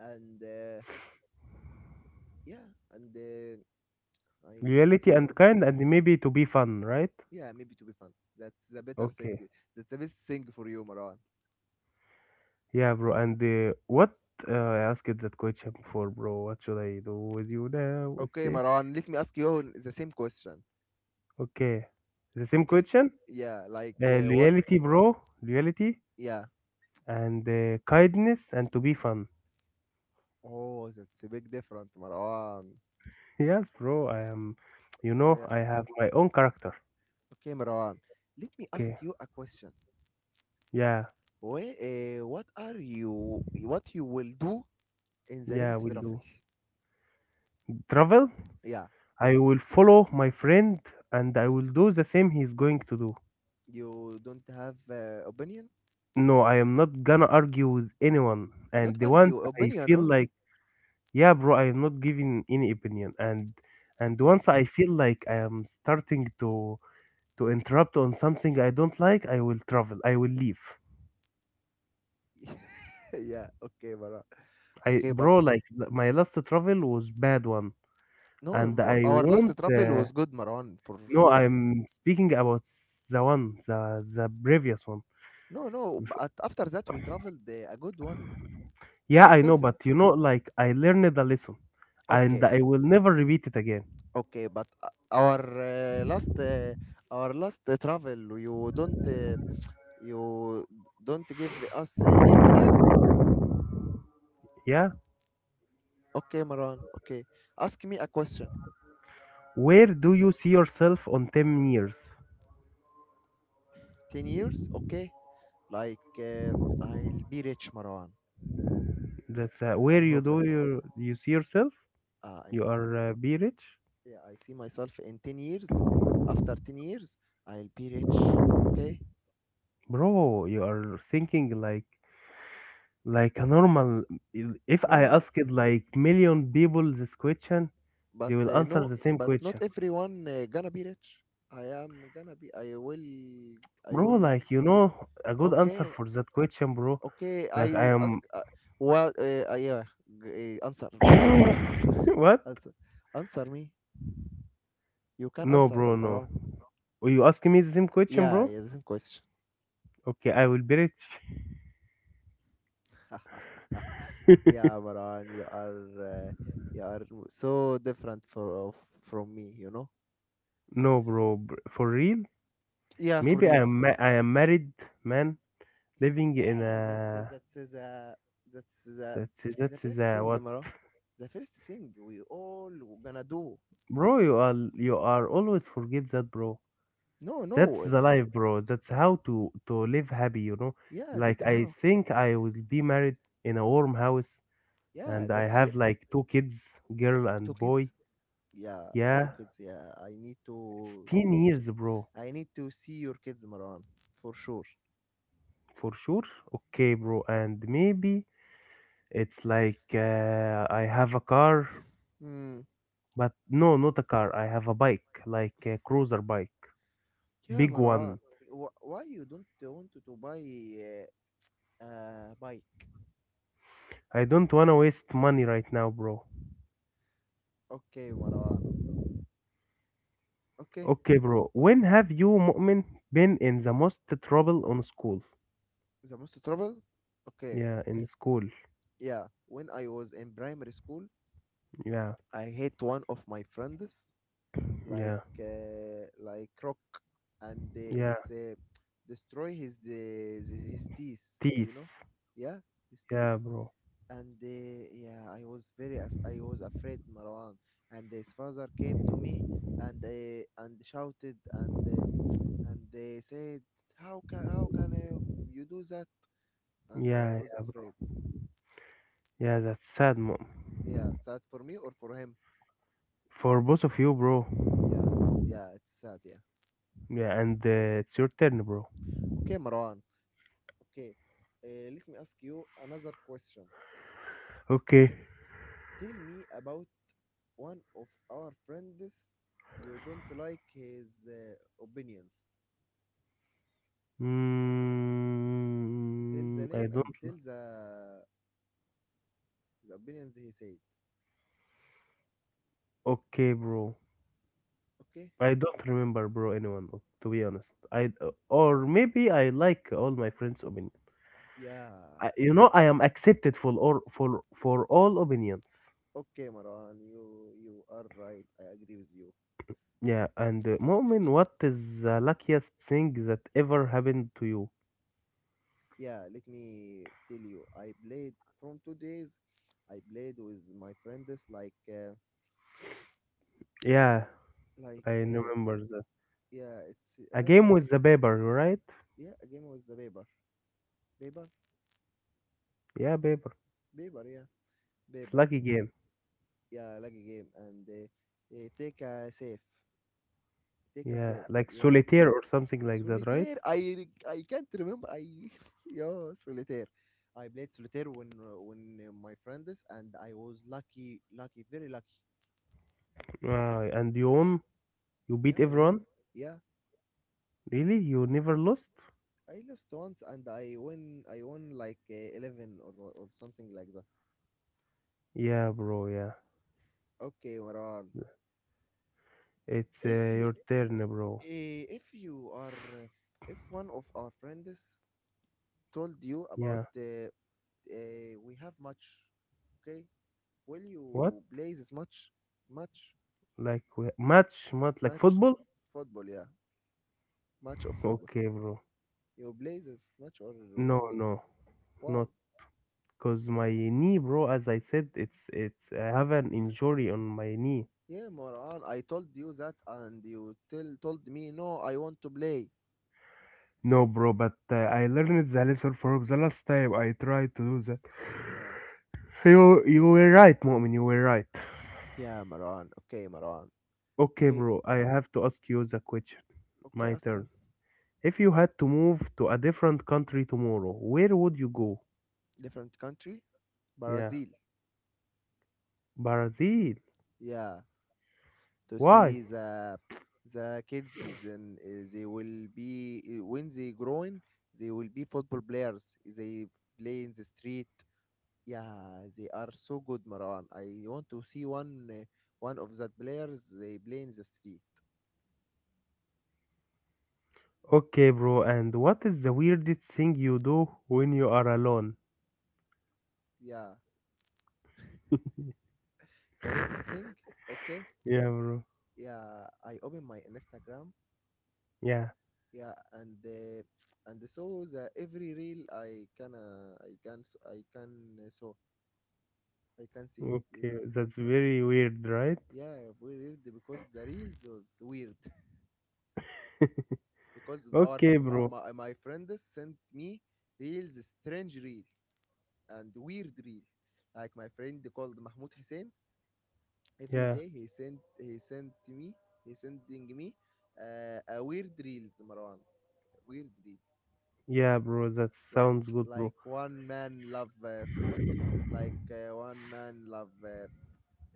Speaker 1: and uh, yeah and I don't
Speaker 2: Reality and
Speaker 1: know.
Speaker 2: kind, and maybe to be fun, right?
Speaker 1: Yeah, maybe to be fun. That's the better thing.
Speaker 2: Okay.
Speaker 1: That's the best thing for you, Marwan.
Speaker 2: Yeah, bro. And what? I asked that question before, bro. What should I do with you now? Let's
Speaker 1: Okay
Speaker 2: see.
Speaker 1: Marwan, let me ask you the same question.
Speaker 2: Okay. The same
Speaker 1: Okay.
Speaker 2: question?
Speaker 1: Yeah, like what?
Speaker 2: Loyalty, bro. Loyalty
Speaker 1: Yeah.
Speaker 2: and kindness and to be fun.
Speaker 1: Oh, that's a big difference, Marwan.
Speaker 2: Yes, bro. I am, you know,
Speaker 1: Yeah.
Speaker 2: I have my own character.
Speaker 1: Okay Marwan, let me ask
Speaker 2: Okay.
Speaker 1: you a question.
Speaker 2: Yeah.
Speaker 1: What are you what you will do in the
Speaker 2: Yeah,
Speaker 1: next
Speaker 2: will
Speaker 1: raffle?
Speaker 2: do. Travel,
Speaker 1: Yeah.
Speaker 2: I will follow my friend and I will do the same he's going to do.
Speaker 1: You don't have opinion?
Speaker 2: No, I am not gonna argue with anyone.
Speaker 1: Not
Speaker 2: And the once
Speaker 1: argue,
Speaker 2: I
Speaker 1: opinion
Speaker 2: feel like,
Speaker 1: only.
Speaker 2: yeah, bro, I am not giving any opinion. And
Speaker 1: Okay.
Speaker 2: once I feel like I am starting to interrupt on something I don't like, I will travel. I will leave.
Speaker 1: Yeah, okay, Maran.
Speaker 2: I
Speaker 1: Okay, but
Speaker 2: bro, like my last travel was bad one,
Speaker 1: no,
Speaker 2: and I
Speaker 1: our last
Speaker 2: won't.
Speaker 1: travel was good, Maran, for
Speaker 2: No,
Speaker 1: sure.
Speaker 2: I'm speaking about the one, the previous one.
Speaker 1: No, no, but after that we traveled a good one.
Speaker 2: Yeah,
Speaker 1: Not
Speaker 2: I know,
Speaker 1: every.
Speaker 2: but you know, like I learned a lesson and
Speaker 1: Okay,
Speaker 2: I will never repeat it again.
Speaker 1: okay, but our last, our last travel, you don't give us any opinion.
Speaker 2: Yeah.
Speaker 1: Okay, Maran. Okay, ask me a question.
Speaker 2: Where do you see yourself on 10 years?
Speaker 1: 10 years, okay? Like I'll be rich, Marwan.
Speaker 2: That's where
Speaker 1: I
Speaker 2: you
Speaker 1: hope
Speaker 2: do
Speaker 1: that
Speaker 2: you you see yourself?
Speaker 1: I
Speaker 2: You
Speaker 1: see.
Speaker 2: are be rich?
Speaker 1: Yeah, I see myself in 10 years. After 10 years, I'll be rich. Okay?
Speaker 2: Bro, you are thinking like a normal, if I
Speaker 1: No, no.
Speaker 2: asked like million people this question, they
Speaker 1: But
Speaker 2: will answer
Speaker 1: no,
Speaker 2: the same
Speaker 1: but
Speaker 2: question.
Speaker 1: not everyone gonna be rich. I am gonna be, I will, I
Speaker 2: Bro,
Speaker 1: will.
Speaker 2: like you know a good answer
Speaker 1: Okay.
Speaker 2: for that question, bro.
Speaker 1: Okay,
Speaker 2: Like I
Speaker 1: I ask
Speaker 2: am
Speaker 1: what uh, uh, yeah, answer, please.
Speaker 2: what?
Speaker 1: Answer. Answer me. You can
Speaker 2: No,
Speaker 1: answer,
Speaker 2: bro, no.
Speaker 1: Marwan.
Speaker 2: Are you asking me the same question,
Speaker 1: Yeah,
Speaker 2: bro?
Speaker 1: yeah, the same question.
Speaker 2: Okay, I will be rich.
Speaker 1: Yeah, Maran, uh, you are so different from me, you know.
Speaker 2: No, bro, for real?
Speaker 1: Yeah, for
Speaker 2: Maybe
Speaker 1: real.
Speaker 2: I am married, man, living in
Speaker 1: Yeah,
Speaker 2: a,
Speaker 1: that's the
Speaker 2: that's
Speaker 1: the
Speaker 2: is
Speaker 1: first
Speaker 2: a
Speaker 1: thing,
Speaker 2: what,
Speaker 1: Maran. The first thing we all gonna do.
Speaker 2: bro? You are always forget that, bro.
Speaker 1: No,
Speaker 2: That's
Speaker 1: no.
Speaker 2: the life, bro. That's how to live happy, you know.
Speaker 1: Yeah, that's
Speaker 2: Like I
Speaker 1: how.
Speaker 2: think I will be married in a warm house,
Speaker 1: Yeah,
Speaker 2: and I
Speaker 1: that's it.
Speaker 2: have like two kids, girl
Speaker 1: Two
Speaker 2: and boy.
Speaker 1: kids. Yeah, two
Speaker 2: Yeah,
Speaker 1: kids. Yeah, I need
Speaker 2: it's
Speaker 1: to
Speaker 2: 10 years, bro.
Speaker 1: I need to see your kids, Maran, for sure.
Speaker 2: For sure. Okay, bro. And maybe it's like, I have a car,
Speaker 1: Hmm.
Speaker 2: but no, not a car, I have a bike, like a cruiser bike,
Speaker 1: Yeah,
Speaker 2: big
Speaker 1: Maran.
Speaker 2: one.
Speaker 1: Why you don't want to buy uh, a bike?
Speaker 2: I don't wanna waste money right now, bro.
Speaker 1: Okay, Marwan. Okay,
Speaker 2: Okay, bro. When have you, Mu'min, been in the most trouble on school?
Speaker 1: the most trouble? Okay,
Speaker 2: Yeah, in school.
Speaker 1: yeah. When I was in primary school,
Speaker 2: Yeah.
Speaker 1: I hit one of my friends
Speaker 2: Yeah.
Speaker 1: like rock, and
Speaker 2: Yeah.
Speaker 1: it's destroy his the his teeth. You know,
Speaker 2: Teeth.
Speaker 1: yeah, his teeth.
Speaker 2: Yeah, bro.
Speaker 1: And yeah, I was very I was afraid, Marwan. And his father came to me and shouted and they said, "How can you do that?" And I
Speaker 2: Yeah.
Speaker 1: was
Speaker 2: Yeah,
Speaker 1: afraid.
Speaker 2: bro. Yeah, that's sad, mom.
Speaker 1: Yeah, sad for me or for him?
Speaker 2: For both of you, bro.
Speaker 1: Yeah, yeah, it's sad. Yeah.
Speaker 2: Yeah, and it's your turn, bro.
Speaker 1: Okay, Marwan. Okay, let me ask you another question.
Speaker 2: Okay.
Speaker 1: Tell me about one of our friends you don't like his opinions. Tell the
Speaker 2: Mm, I
Speaker 1: name and
Speaker 2: don't.
Speaker 1: tell the opinions he said.
Speaker 2: Okay, bro.
Speaker 1: Okay?
Speaker 2: I don't remember, bro. Anyone, to be honest. I, or maybe I like all my friends' opinion.
Speaker 1: Yeah.
Speaker 2: I, you know, I am accepted for all, for all opinions.
Speaker 1: Okay, Marwan, you are right. I agree with you.
Speaker 2: Yeah, and Mu'min, what is the luckiest thing that ever happened to you?
Speaker 1: Yeah, let me tell you, I played from 2 days. I played with my friends like
Speaker 2: Yeah,
Speaker 1: like
Speaker 2: I
Speaker 1: uh,
Speaker 2: remember that.
Speaker 1: yeah, it's
Speaker 2: A game
Speaker 1: how.
Speaker 2: with the paper, right?
Speaker 1: Yeah, a game with the paper. Paper
Speaker 2: Yeah, paper.
Speaker 1: paper Yeah,
Speaker 2: It's
Speaker 1: paper a
Speaker 2: lucky
Speaker 1: g-
Speaker 2: game.
Speaker 1: yeah, like a game. And take a safe. Take a
Speaker 2: Yeah,
Speaker 1: safe
Speaker 2: like
Speaker 1: you know.
Speaker 2: solitaire or something like that, right?
Speaker 1: Solitaire. I I can't remember. I Yeah, solitaire. I played solitaire when my friends, and I was lucky, lucky, very lucky.
Speaker 2: Ah, and you won. You beat
Speaker 1: Yeah, I won.
Speaker 2: everyone?
Speaker 1: Yeah,
Speaker 2: Really? You never lost?
Speaker 1: I lost once and I won like 11 or something like that.
Speaker 2: Yeah, bro. Yeah.
Speaker 1: Okay, Maran.
Speaker 2: It's
Speaker 1: If you
Speaker 2: your
Speaker 1: i-
Speaker 2: turn, bro.
Speaker 1: if you are if one of our friends told you about
Speaker 2: Yeah.
Speaker 1: we have match, okay? Will
Speaker 2: What?
Speaker 1: you play this match? Match.
Speaker 2: Like match? Match like
Speaker 1: Match,
Speaker 2: football?
Speaker 1: football, yeah. Match of football.
Speaker 2: Okay, bro.
Speaker 1: You play this match or
Speaker 2: No,
Speaker 1: not?
Speaker 2: no, not
Speaker 1: Why?
Speaker 2: because my knee, bro. As I said, it's I have an injury on my knee.
Speaker 1: Yeah, Moran, I told you that and you tell told me no, I want to play.
Speaker 2: No, bro, but I learned the lesson from the last time I tried to do that.
Speaker 1: Yeah.
Speaker 2: You were right, Mu'min. You were right.
Speaker 1: Yeah, Maran. Okay, Maran.
Speaker 2: Okay,
Speaker 1: Okay,
Speaker 2: bro. I have to ask you the question.
Speaker 1: okay.
Speaker 2: My
Speaker 1: Ask me.
Speaker 2: turn. If you had to move to a different country tomorrow, where would you go?
Speaker 1: Different country,
Speaker 2: Yeah,
Speaker 1: Brazil.
Speaker 2: Brazil.
Speaker 1: Yeah, to
Speaker 2: Why?
Speaker 1: see the kids. Then they will be when they growing, they will be football players. They play in the street. Yeah, they are so good, Maran. I want to see one one of that players. They play in the street.
Speaker 2: Okay, bro. And what is the weirdest thing you do when you are alone?
Speaker 1: Yeah, the weird thing. Okay.
Speaker 2: Yeah, bro.
Speaker 1: Yeah, I open my Instagram.
Speaker 2: Yeah.
Speaker 1: Yeah, and the every reel I can s- I can so I can see, you
Speaker 2: Okay,
Speaker 1: know.
Speaker 2: that's very weird, right?
Speaker 1: Yeah, weird because the reels was weird. Because our
Speaker 2: Okay,
Speaker 1: my,
Speaker 2: bro.
Speaker 1: my, my friend sent me reels, strange reel and weird reel. Like my friend called Mahmoud Hussein, every
Speaker 2: Yeah.
Speaker 1: day he sent me, he sending me a weird reels, Marwan. Weird reels.
Speaker 2: Yeah, bro. That
Speaker 1: like
Speaker 2: sounds good, bro.
Speaker 1: like one man love food. Like one man love uh,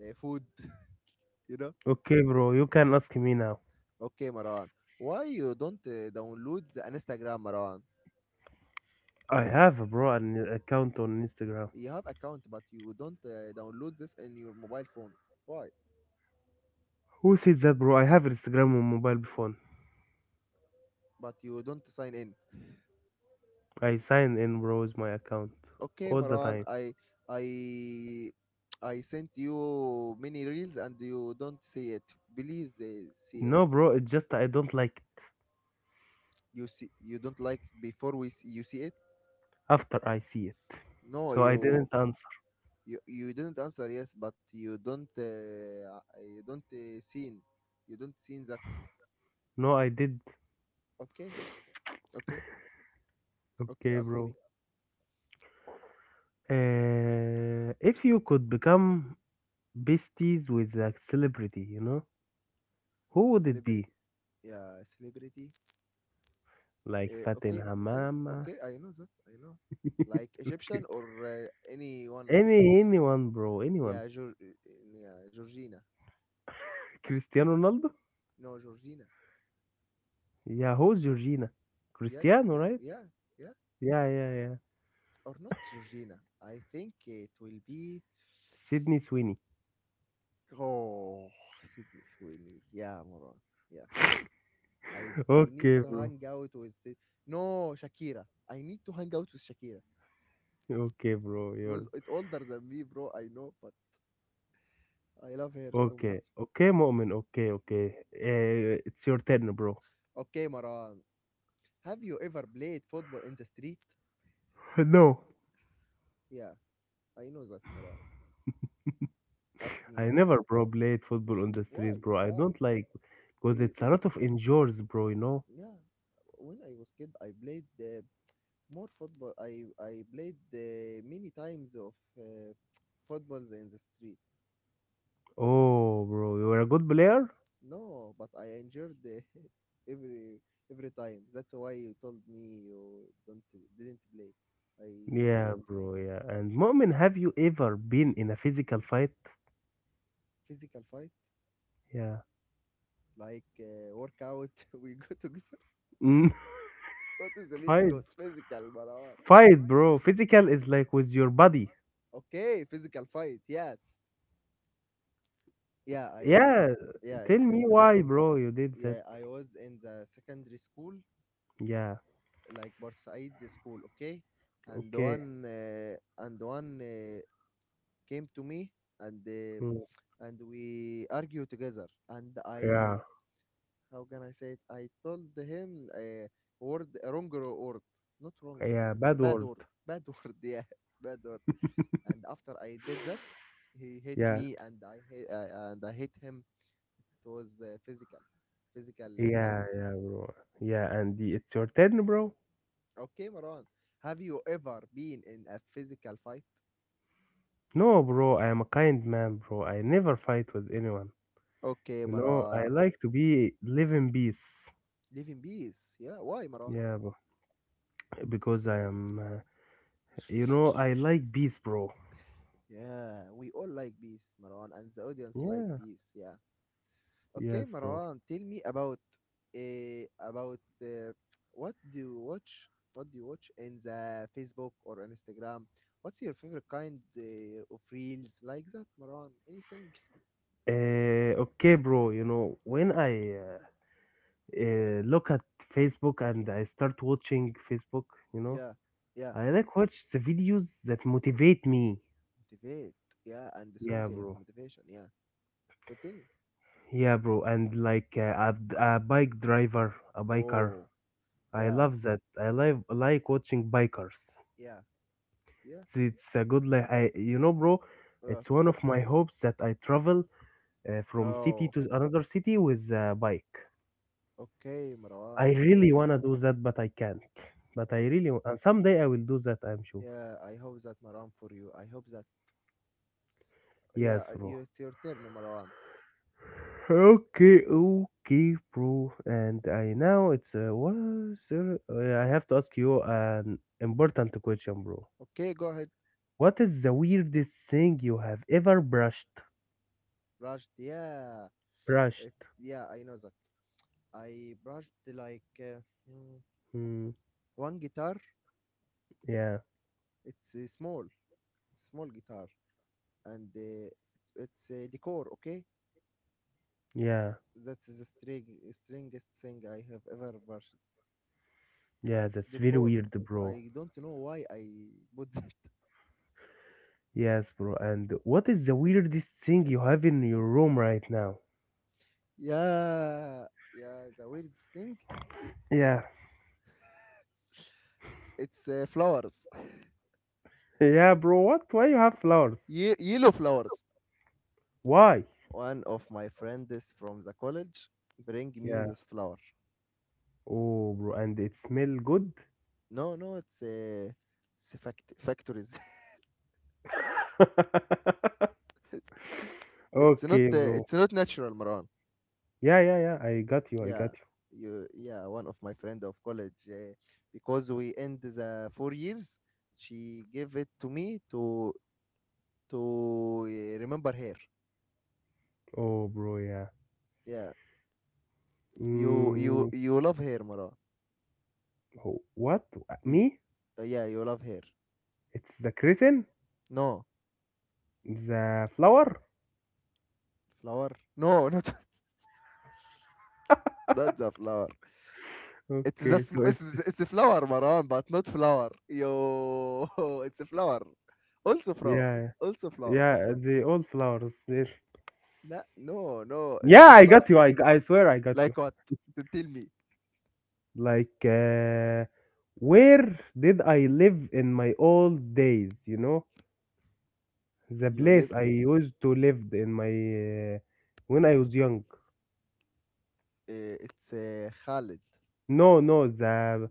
Speaker 1: uh, food. You know.
Speaker 2: Okay, bro. You can ask me now.
Speaker 1: Okay Marwan, why you don't download the Instagram, Marwan?
Speaker 2: I have, bro, an account on Instagram.
Speaker 1: You have account, but you don't download this in your mobile phone. Why?
Speaker 2: Who said that, bro? I have Instagram on mobile phone.
Speaker 1: But you don't sign in.
Speaker 2: I sign in bro's my account
Speaker 1: Okay
Speaker 2: all the
Speaker 1: Marwan,
Speaker 2: time.
Speaker 1: I I sent you many reels and you don't see it. Please, see it.
Speaker 2: No, bro, it's just I don't like it
Speaker 1: You see, you don't like before we see, you see it.
Speaker 2: after I see it.
Speaker 1: No,
Speaker 2: So I didn't
Speaker 1: you,
Speaker 2: answer.
Speaker 1: you didn't answer yes, but you don't seen, you don't seen that.
Speaker 2: No, I did.
Speaker 1: Okay, okay, okay.
Speaker 2: Okay,
Speaker 1: Ask me.
Speaker 2: bro. If you could become besties with a celebrity, you know, who would it be?
Speaker 1: Celebrity. Yeah, celebrity.
Speaker 2: Like Fatin
Speaker 1: Okay, okay,
Speaker 2: Hamama?
Speaker 1: okay. I know that. I know. Like Egyptian
Speaker 2: K-
Speaker 1: or anyone.
Speaker 2: Any, anyone, bro, anyone.
Speaker 1: Yeah, yeah, Georgina.
Speaker 2: Cristiano Ronaldo?
Speaker 1: No, Georgina.
Speaker 2: Yeah, who's Georgina?
Speaker 1: Yeah,
Speaker 2: Cristiano,
Speaker 1: Cristiano.
Speaker 2: right?
Speaker 1: Yeah, yeah.
Speaker 2: Yeah, yeah, yeah.
Speaker 1: Or not Georgina. I think it will be.
Speaker 2: Sydney Sweeney.
Speaker 1: Oh, Sydney Sweeney. Yeah, Moran. Yeah. I need
Speaker 2: Okay,
Speaker 1: to
Speaker 2: bro.
Speaker 1: hang out with no, Shakira. I need to hang out with Shakira.
Speaker 2: Okay, bro.
Speaker 1: It was
Speaker 2: You're
Speaker 1: it older than me, bro. I know, but I love her so much.
Speaker 2: okay, okay, Mu'min, okay, okay. It's your turn, bro.
Speaker 1: Okay, Maran. Have you ever played football in the street?
Speaker 2: No,
Speaker 1: Yeah, I know that, Maran. Ask me,
Speaker 2: I
Speaker 1: Maran.
Speaker 2: never, bro, played football on the street,
Speaker 1: Why?
Speaker 2: bro. I
Speaker 1: Why?
Speaker 2: don't like because
Speaker 1: We
Speaker 2: it's a
Speaker 1: w-
Speaker 2: lot of injuries, bro, you know?
Speaker 1: yeah. When I was kid, I played more football. I played many times of uh, footballs in the street.
Speaker 2: Oh, bro, you were a good player?
Speaker 1: No, but I endured every every time. That's why you told me you don't didn't play. I know
Speaker 2: Yeah,
Speaker 1: that.
Speaker 2: bro, yeah. And Mu'min, have you ever been in a physical fight?
Speaker 1: Physical fight,
Speaker 2: Yeah.
Speaker 1: like workout. We go together.
Speaker 2: Mm.
Speaker 1: What is the meaning
Speaker 2: Fight,
Speaker 1: of physical, Marwan?
Speaker 2: fight, bro. Physical is like with your body.
Speaker 1: Okay, physical fight. Yes. Yeah, I was.
Speaker 2: Yeah,
Speaker 1: Yeah, in
Speaker 2: tell me
Speaker 1: physical fight.
Speaker 2: why, bro, you did
Speaker 1: Yeah,
Speaker 2: that.
Speaker 1: I was in the secondary school,
Speaker 2: Yeah,
Speaker 1: like Bursaid school. Okay, and
Speaker 2: okay.
Speaker 1: one came to me and uh,
Speaker 2: Mm.
Speaker 1: and we argue together. And I,
Speaker 2: Yeah,
Speaker 1: how can I say it, I told him a word, a wrong word. Not wrong,
Speaker 2: yeah,
Speaker 1: it's a
Speaker 2: bad
Speaker 1: bad
Speaker 2: word.
Speaker 1: word. Bad word. Yeah, bad word. And after I did that, he hit
Speaker 2: Yeah.
Speaker 1: me and I hit him. It was a physical fight.
Speaker 2: Yeah, yeah, bro. Yeah, and the, it's your turn, bro.
Speaker 1: Okay Marwan, have you ever been in a physical fight?
Speaker 2: No, bro, I am a kind man, bro. I never fight with anyone.
Speaker 1: Okay
Speaker 2: You know, I
Speaker 1: Marwan,
Speaker 2: like to be live in peace.
Speaker 1: live in peace. Yeah, why,
Speaker 2: Yeah, bro. Because I am, you know, I
Speaker 1: Marwan?
Speaker 2: like peace, bro.
Speaker 1: Yeah, we all like bees, Marwan, and the audience like
Speaker 2: Yeah,
Speaker 1: bees. Yeah. Okay
Speaker 2: yes, bro.
Speaker 1: Marwan, tell me about uh, about uh, what do you watch? What do you watch in the Facebook or Instagram? What's your favorite kind of reels like that, Marwan? Anything?
Speaker 2: Uh, okay, bro. You know, when I, look at Facebook and I start watching Facebook, you know,
Speaker 1: Yeah, yeah.
Speaker 2: I like watch the videos that motivate me.
Speaker 1: Motivate. Yeah, and the song
Speaker 2: Yeah,
Speaker 1: is
Speaker 2: bro.
Speaker 1: motivation. Yeah. Continue.
Speaker 2: Yeah, bro, and like a bike driver, a biker.
Speaker 1: Oh,
Speaker 2: I
Speaker 1: yeah,
Speaker 2: love that. I love like watching bikers.
Speaker 1: yeah, yeah.
Speaker 2: It's a good like I, you know, bro.
Speaker 1: Uh,
Speaker 2: It's one of my hopes that I travel from city
Speaker 1: oh,
Speaker 2: to another city with a bike.
Speaker 1: okay, Marwan.
Speaker 2: I really
Speaker 1: Okay.
Speaker 2: wanna do that, but I can't. But I
Speaker 1: Okay.
Speaker 2: really and someday I will do that. I'm sure.
Speaker 1: Yeah, I hope that, Maram, for you. I hope that. Yeah,
Speaker 2: Yes, bro.
Speaker 1: you, it's your turn, Marwan.
Speaker 2: Okay, okay, bro. And I now it's what? Sir, I have to ask you an important question, bro.
Speaker 1: Okay, go ahead.
Speaker 2: What is the weirdest thing you have ever brushed?
Speaker 1: Brushed. Yeah, it,
Speaker 2: Brushed.
Speaker 1: yeah, I know that. I brushed like mm,
Speaker 2: Hmm.
Speaker 1: one guitar.
Speaker 2: Yeah.
Speaker 1: It's a small guitar, and it's a decor. Okay,
Speaker 2: Yeah.
Speaker 1: that's the stringest thing I have ever brushed.
Speaker 2: Yeah.
Speaker 1: It's
Speaker 2: That's very
Speaker 1: decor.
Speaker 2: weird, bro.
Speaker 1: I don't know why I put that.
Speaker 2: Yes, bro. And what is the weirdest thing you have in your room right now?
Speaker 1: Yeah, yeah. The weird thing,
Speaker 2: Yeah.
Speaker 1: it's flowers.
Speaker 2: Yeah, bro. What? Why you have flowers?
Speaker 1: Yellow flowers.
Speaker 2: Why?
Speaker 1: One of my friends from the college bring me
Speaker 2: Yeah.
Speaker 1: this flower.
Speaker 2: Oh, bro. And it smell good?
Speaker 1: No, no, it's a factories. It's not
Speaker 2: Okay, bro.
Speaker 1: it's not natural, Maran.
Speaker 2: Yeah, yeah, yeah. I got you. I
Speaker 1: Yeah,
Speaker 2: got you.
Speaker 1: you, yeah. One of my friend of college because we end the 4 years. She gave it to me to to remember her.
Speaker 2: Oh, bro. Yeah.
Speaker 1: Yeah,
Speaker 2: Mm,
Speaker 1: you love her, Maran.
Speaker 2: what?
Speaker 1: You,
Speaker 2: Me?
Speaker 1: yeah, you love her.
Speaker 2: It's the curtain?
Speaker 1: No,
Speaker 2: The flower?
Speaker 1: flower. No, not, not the flower. It's a
Speaker 2: Okay,
Speaker 1: sm-
Speaker 2: so
Speaker 1: it's,
Speaker 2: it's
Speaker 1: it's a flower, Maran, but not flower. Yo, it's a flower. Also flower.
Speaker 2: yeah,
Speaker 1: Also flower.
Speaker 2: yeah, the old flowers there.
Speaker 1: لا, no, no, it's
Speaker 2: Yeah,
Speaker 1: a
Speaker 2: I
Speaker 1: flower.
Speaker 2: got you. I swear I got
Speaker 1: Like
Speaker 2: you.
Speaker 1: what? Tell me.
Speaker 2: Like, where did I live in my old days? You know, the
Speaker 1: You live.
Speaker 2: place I used to live in my when I was young.
Speaker 1: It's a Khalid
Speaker 2: No, no,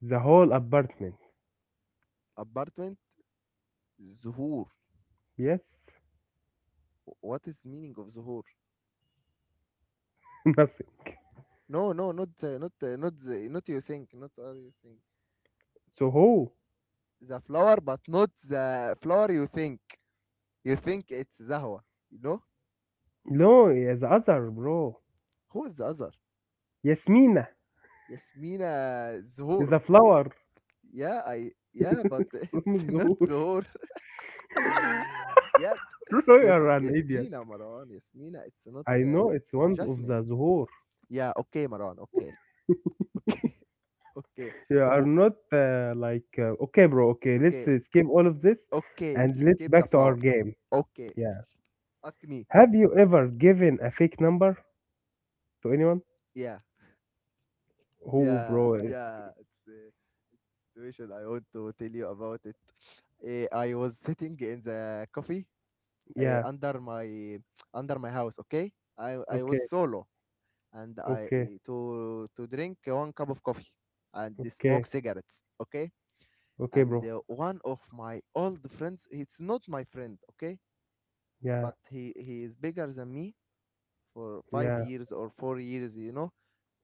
Speaker 2: the whole apartment.
Speaker 1: apartment. Zuhur.
Speaker 2: Yes.
Speaker 1: What is meaning of Zuhur?
Speaker 2: Nothing.
Speaker 1: No, no, not the, not you think, not are you think
Speaker 2: So who?
Speaker 1: the flower, but not the flower you think. You think it's Zahwa. You know
Speaker 2: No, yeah, the other bro.
Speaker 1: who is the other?
Speaker 2: Yasmina
Speaker 1: Yasmina.
Speaker 2: is
Speaker 1: Zuhur.
Speaker 2: a flower.
Speaker 1: Yeah, I, yeah, but it's
Speaker 2: From
Speaker 1: not
Speaker 2: Zuhur.
Speaker 1: Zohor yet.
Speaker 2: You
Speaker 1: Yes,
Speaker 2: are an idiot.
Speaker 1: Yasmina, Marwan, Yasmina. It's not
Speaker 2: I know it's one of
Speaker 1: Jasmine.
Speaker 2: the zuhur.
Speaker 1: Yeah, okay, Marwan. Okay, okay, okay,
Speaker 2: You are
Speaker 1: W-
Speaker 2: not like okay, bro. Okay, let's
Speaker 1: okay,
Speaker 2: skip all of this
Speaker 1: okay.
Speaker 2: and
Speaker 1: Let's
Speaker 2: let's
Speaker 1: escape the
Speaker 2: back to our
Speaker 1: flower.
Speaker 2: game.
Speaker 1: Okay,
Speaker 2: Yeah.
Speaker 1: ask me.
Speaker 2: Have you ever given a fake number to anyone?
Speaker 1: Yeah,
Speaker 2: Oh,
Speaker 1: yeah,
Speaker 2: bro.
Speaker 1: yeah. It's it's situation I want to tell you about it. Eh, I was sitting in the coffee
Speaker 2: Yeah.
Speaker 1: under my, under my house. Okay, I was
Speaker 2: Okay.
Speaker 1: solo and I
Speaker 2: Okay.
Speaker 1: to drink one cup of coffee and smoke
Speaker 2: Okay.
Speaker 1: cigarettes. Okay,
Speaker 2: Okay,
Speaker 1: and
Speaker 2: bro.
Speaker 1: one of my old friends, it's not my friend. Okay,
Speaker 2: Yeah.
Speaker 1: but he is bigger than me for five
Speaker 2: Yeah.
Speaker 1: years or 4 years. You know,